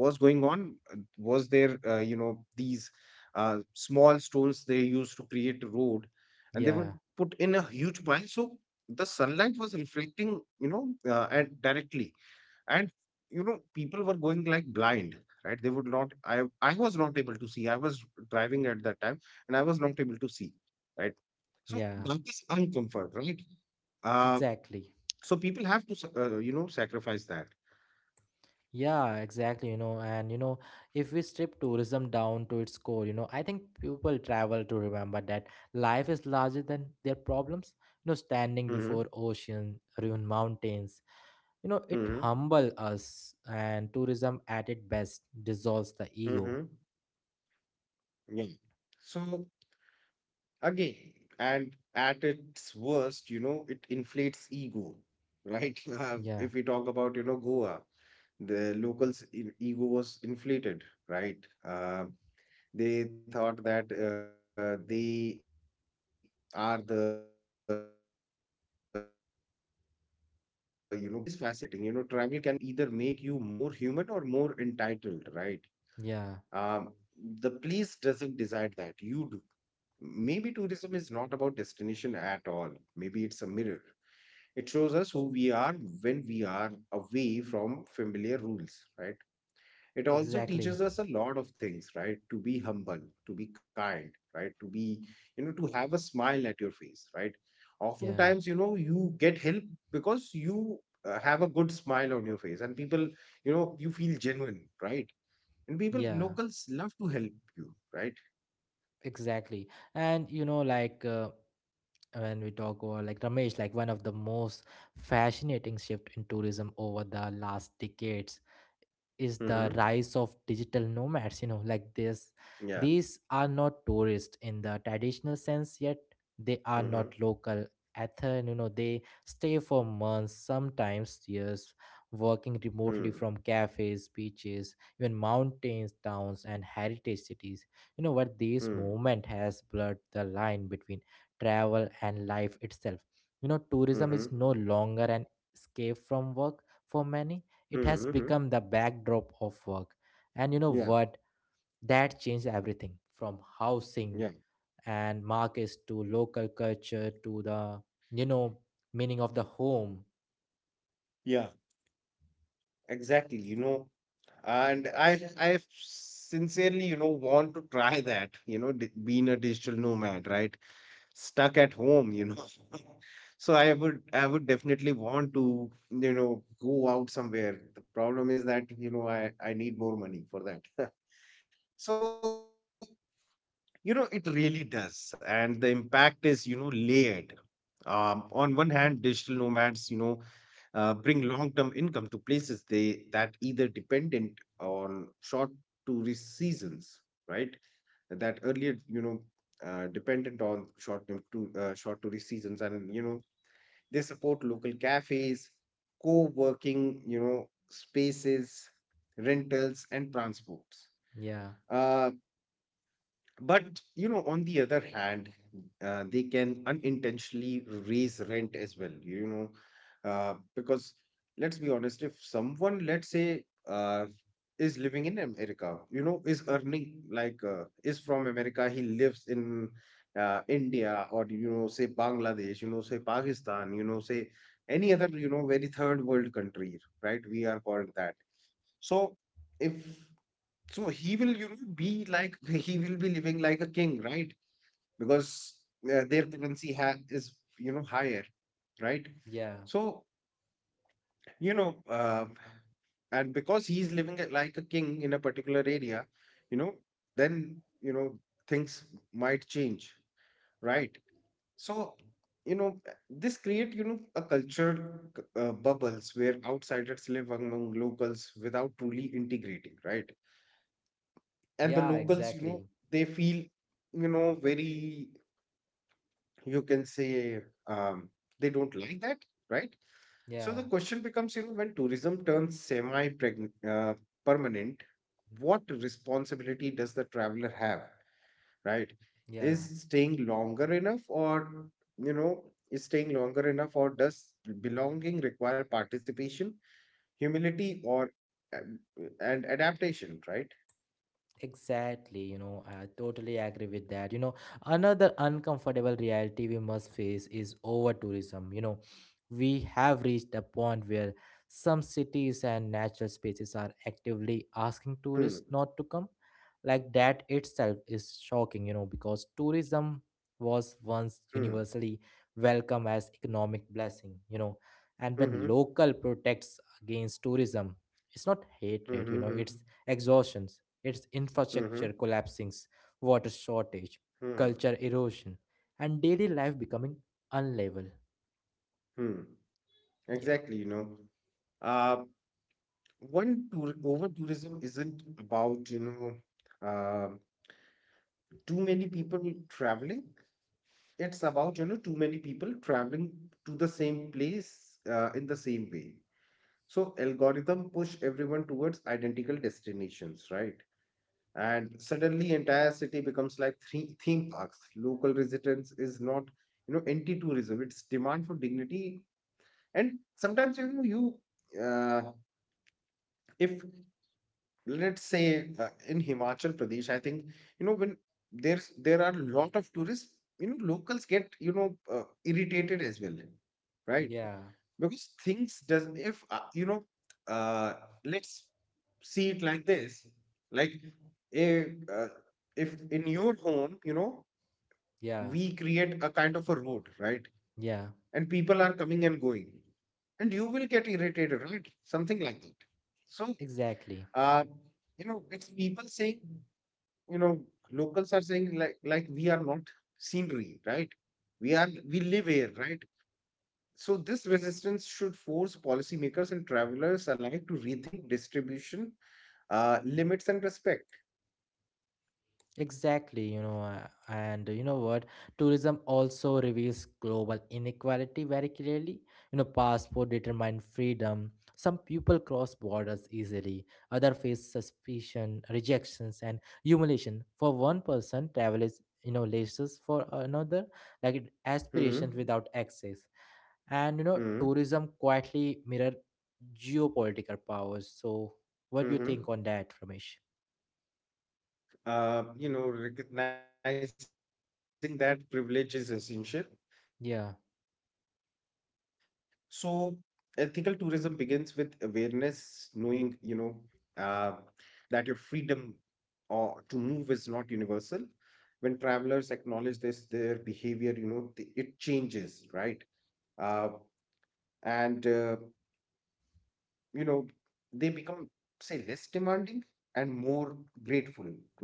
[SPEAKER 2] was going on. Was there these small stones they used to create a road, and they were
[SPEAKER 1] yeah,
[SPEAKER 2] put in a huge pile. So the sunlight was reflecting, and directly, and people were going like blind, right? They would not, I was not able to see. I was driving at that time, and I was not able to see, right? So
[SPEAKER 1] yeah,
[SPEAKER 2] that is uncomfort, right? uh
[SPEAKER 1] exactly.
[SPEAKER 2] so people have to sacrifice that.
[SPEAKER 1] Yeah, exactly. You know, and you know, if we strip tourism down to its core, you know, I think people travel to remember that life is larger than their problems. You know, standing
[SPEAKER 2] Mm-hmm.
[SPEAKER 1] before ocean, ruined mountains, you know, it
[SPEAKER 2] Mm-hmm.
[SPEAKER 1] humble us, and tourism at its best dissolves the
[SPEAKER 2] Mm-hmm.
[SPEAKER 1] ego.
[SPEAKER 2] Yeah. So, again, and at its worst, it inflates ego, right?
[SPEAKER 1] Yeah,
[SPEAKER 2] If we talk about, Goa, the locals in ego was inflated, right? They thought that they are the, boss here, right? Uh, you know that duality is fascinating. You know, travel can either make you more human or more entitled, right?
[SPEAKER 1] yeah,
[SPEAKER 2] Um, the police doesn't decide that you do. Maybe tourism is not about destination at all. Maybe it's a mirror. It shows us who we are when we are away from familiar rules, right? It also
[SPEAKER 1] exactly.
[SPEAKER 2] teaches us a lot of things, right? To be humble, to be kind, right? To be, to have a smile at your face, right?
[SPEAKER 1] Yeah,
[SPEAKER 2] Oftentimes, you get help because you have a good smile on your face, and people, you feel genuine, right? And people,
[SPEAKER 1] yeah,
[SPEAKER 2] locals, love to help you, right?
[SPEAKER 1] exactly. And you know, like when we talk about, like, Ramesh, like one of the most fascinating shift in tourism over the last decades is the
[SPEAKER 2] Mm-hmm.
[SPEAKER 1] rise of digital nomads, you know, like this,
[SPEAKER 2] Yeah.
[SPEAKER 1] these are not tourists in the traditional sense, yet they are not
[SPEAKER 2] Mm-hmm.
[SPEAKER 1] local. Ethan, you know, they stay for months, sometimes years, working remotely
[SPEAKER 2] Hmm.
[SPEAKER 1] from cafes, beaches, even mountains towns and heritage cities. You know what, this
[SPEAKER 2] Hmm.
[SPEAKER 1] movement has blurred the line between travel and life itself. You know, tourism is
[SPEAKER 2] Mm-hmm.
[SPEAKER 1] no longer an escape from work. For many, it has
[SPEAKER 2] Mm-hmm.
[SPEAKER 1] become the backdrop of work. And you know
[SPEAKER 2] Yeah.
[SPEAKER 1] what, that changed everything from housing
[SPEAKER 2] Yeah.
[SPEAKER 1] and markets to local culture, to the, you know, meaning of the home.
[SPEAKER 2] Yeah. Exactly. You know, and I sincerely, want to try that, being a digital nomad, right? Stuck at home, you know. So I would definitely want to, go out somewhere. The problem is that, I need more money for that. So, you know, it really does. And the impact is, you know, layered. On one hand, digital nomads, you know, bring long-term income to places they that either dependent on short tourist seasons, right? That earlier, you know, dependent on short tourist seasons, and you know, they support local cafes, co-working, you know, spaces, rentals, and transports.
[SPEAKER 1] Yeah,
[SPEAKER 2] Uh, but you know, on the other hand, they can unintentionally raise rent as well, you know, because let's be honest, if someone, let's say, is living in America, you know, is earning like, is from America, he lives in India, or you know, say Bangladesh, you know, say Pakistan, you know, say any other, you know, very third world country, right? We are called that. So if, so he will, you know, be like, he will be living like a king, right? Because their currency ha is, you know, higher, right?
[SPEAKER 1] yeah,
[SPEAKER 2] So, you know, and because he's living it like a king in a particular area, you know, then, you know, things might change, right? So, you know, this create, you know, a culture bubbles where outsiders live among locals without truly integrating, right? And the
[SPEAKER 1] yeah,
[SPEAKER 2] locals, you know,
[SPEAKER 1] exactly.
[SPEAKER 2] they feel, you know, very, you can say, um, they don't like that, right? So the
[SPEAKER 1] Yeah,
[SPEAKER 2] question becomes, you know, when tourism turns semi uh, permanent, what responsibility does the traveler have, right?
[SPEAKER 1] yeah.
[SPEAKER 2] Is staying longer enough, or you know does belonging require participation, humility, or um, and adaptation, right?
[SPEAKER 1] Exactly, you know, I totally agree with that. You know, another uncomfortable reality we must face is over tourism. You know, we have reached a point where some cities and natural spaces are actively asking
[SPEAKER 2] Hmm.
[SPEAKER 1] tourists not to come. Like that itself is shocking, you know, because tourism was once
[SPEAKER 2] Hmm.
[SPEAKER 1] universally welcome as economic blessing, you know, and when
[SPEAKER 2] Mm-hmm.
[SPEAKER 1] local protects against tourism, it's not hatred, you know,
[SPEAKER 2] Mm-hmm.
[SPEAKER 1] it's exhaustion, it's
[SPEAKER 2] Mm-hmm.
[SPEAKER 1] infrastructure collapsing, water shortage,
[SPEAKER 2] Hmm.
[SPEAKER 1] culture erosion, and daily life becoming unlevel.
[SPEAKER 2] Hmm.
[SPEAKER 1] Yeah.
[SPEAKER 2] Exactly, you know. Uh, One tour, over tourism isn't about, you know, too many people traveling. It's about, you know, too many people traveling to the same place in the same way. So algorithm push everyone towards identical destinations, right? And suddenly entire city becomes like three theme parks. Local resistance is not, you know, anti-tourism, it's demand for dignity. And sometimes, you know, you uh, if let's say, in Himachal Pradesh, I think, you know, when there are a lot of tourists, you know, locals get, uh, irritated as well, right?
[SPEAKER 1] Yeah.
[SPEAKER 2] Because things does if you know, uh, let's see it like this, like, if, uh, if in your home, you know,
[SPEAKER 1] Yeah.
[SPEAKER 2] we create a kind of a road, right?
[SPEAKER 1] Yeah.
[SPEAKER 2] And people are coming and going, and you will get irritated, right? Something like that. So
[SPEAKER 1] Exactly.
[SPEAKER 2] uh, you know, it's people saying, you know, locals are saying like, we are not scenery, right? We are we live here, right? So this resistance should force policymakers and travelers alike to rethink distribution, limits, and respect.
[SPEAKER 1] Exactly, you know, and you know what? Tourism also reveals global inequality very clearly. You know, passport determine freedom. Some people cross borders easily, other face suspicion, rejections, and humiliation. For one person, travel is, you know, laces; for another, like aspirations
[SPEAKER 2] Hmm.
[SPEAKER 1] without access. And you know,
[SPEAKER 2] Hmm.
[SPEAKER 1] tourism quietly mirror geopolitical powers. So, what do you
[SPEAKER 2] Hmm.
[SPEAKER 1] think on that, Ramesh?
[SPEAKER 2] You know, recognizing that privilege is essential.
[SPEAKER 1] Yeah.
[SPEAKER 2] So, ethical tourism begins with awareness, knowing, you know, uh, that your freedom or to move is not universal. When travelers acknowledge this, their behavior, it changes, right? Uh, and, uh, you know, they become, say, less demanding and more grateful, right?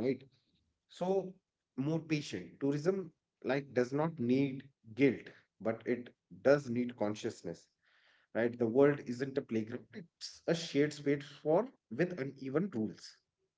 [SPEAKER 2] So, more patient tourism, like, does not need guilt, but it does need consciousness, right? The world isn't a playground, it's a shared space for with uneven rules.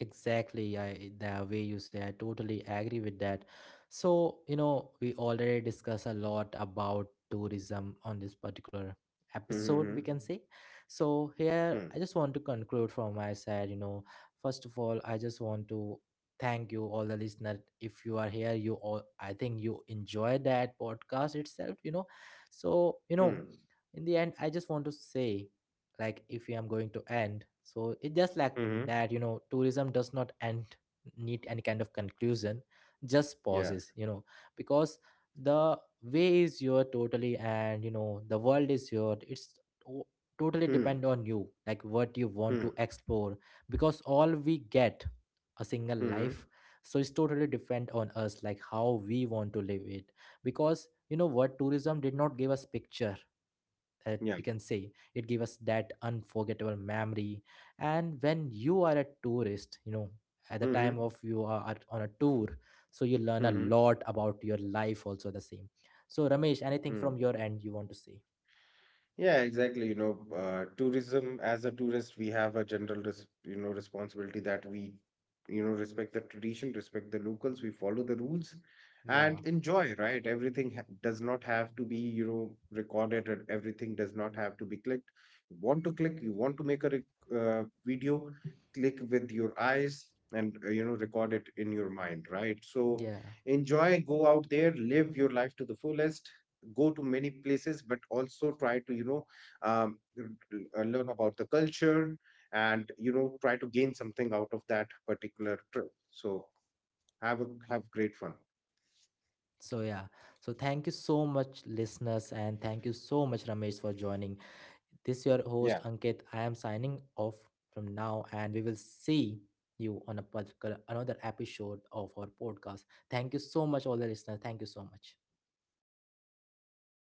[SPEAKER 1] Exactly, I the way you say, I totally agree with that. So, you know, we already discussed a lot about tourism on this particular episode, we can say.
[SPEAKER 2] Mm-hmm.
[SPEAKER 1] So, here I just want to
[SPEAKER 2] Hmm.
[SPEAKER 1] conclude from my side. You know, first of all, I just want to thank you, all the listener. If you are here, you all, I think you enjoy that podcast itself, you know. So, you know,
[SPEAKER 2] Hmm.
[SPEAKER 1] in the end, I just want to say, like if I'm going to end, so it just like
[SPEAKER 2] Hmm. Hmm,
[SPEAKER 1] that,
[SPEAKER 2] hmm,
[SPEAKER 1] you know,
[SPEAKER 2] hmm.
[SPEAKER 1] tourism does not end, need any kind of conclusion, just pauses,
[SPEAKER 2] Yeah.
[SPEAKER 1] you know, because the way is your totally, and you know, the world is your, it's to- totally depend
[SPEAKER 2] Hmm.
[SPEAKER 1] on you, like what you want to
[SPEAKER 2] Hmm.
[SPEAKER 1] explore. Because all we get a single
[SPEAKER 2] Hmm. Hmm.
[SPEAKER 1] life, so it's totally depend on us, like how we want to live it. Because you know what, tourism did not give us picture, that we
[SPEAKER 2] Yeah.
[SPEAKER 1] can say it give us that unforgettable memory. And when you are a tourist, you know, at the
[SPEAKER 2] Hmm. Hmm.
[SPEAKER 1] time of you are on a tour, so you learn
[SPEAKER 2] Hmm.
[SPEAKER 1] a
[SPEAKER 2] Hmm.
[SPEAKER 1] lot about your life also the same. So, Ramesh, anything
[SPEAKER 2] hmm.
[SPEAKER 1] from your end you want to say?
[SPEAKER 2] Yeah, exactly. You know, tourism, as a tourist, we have a general, res you know, responsibility that we, you know, respect the tradition, respect the locals, we follow the rules,
[SPEAKER 1] Yeah,
[SPEAKER 2] and enjoy. Right? Everything ha does not have to be, you know, recorded, and everything does not have to be clicked. You want to click? You want to make a rec video? Click with your eyes and, you know, record it in your mind. Right? So
[SPEAKER 1] yeah.
[SPEAKER 2] enjoy. Go out there, live your life to the fullest. Go to many places, but also try to, you know, um, learn about the culture and, you know, try to gain something out of that particular trip. So have great fun.
[SPEAKER 1] So yeah, so thank you so much listeners, and thank you so much, Ramesh, for joining. This your host,
[SPEAKER 2] Yeah,
[SPEAKER 1] Ankit. I am signing off from now, and we will see you on a particular another episode of our podcast. Thank you so much, all the listeners. Thank you so much.
[SPEAKER 2] thank you.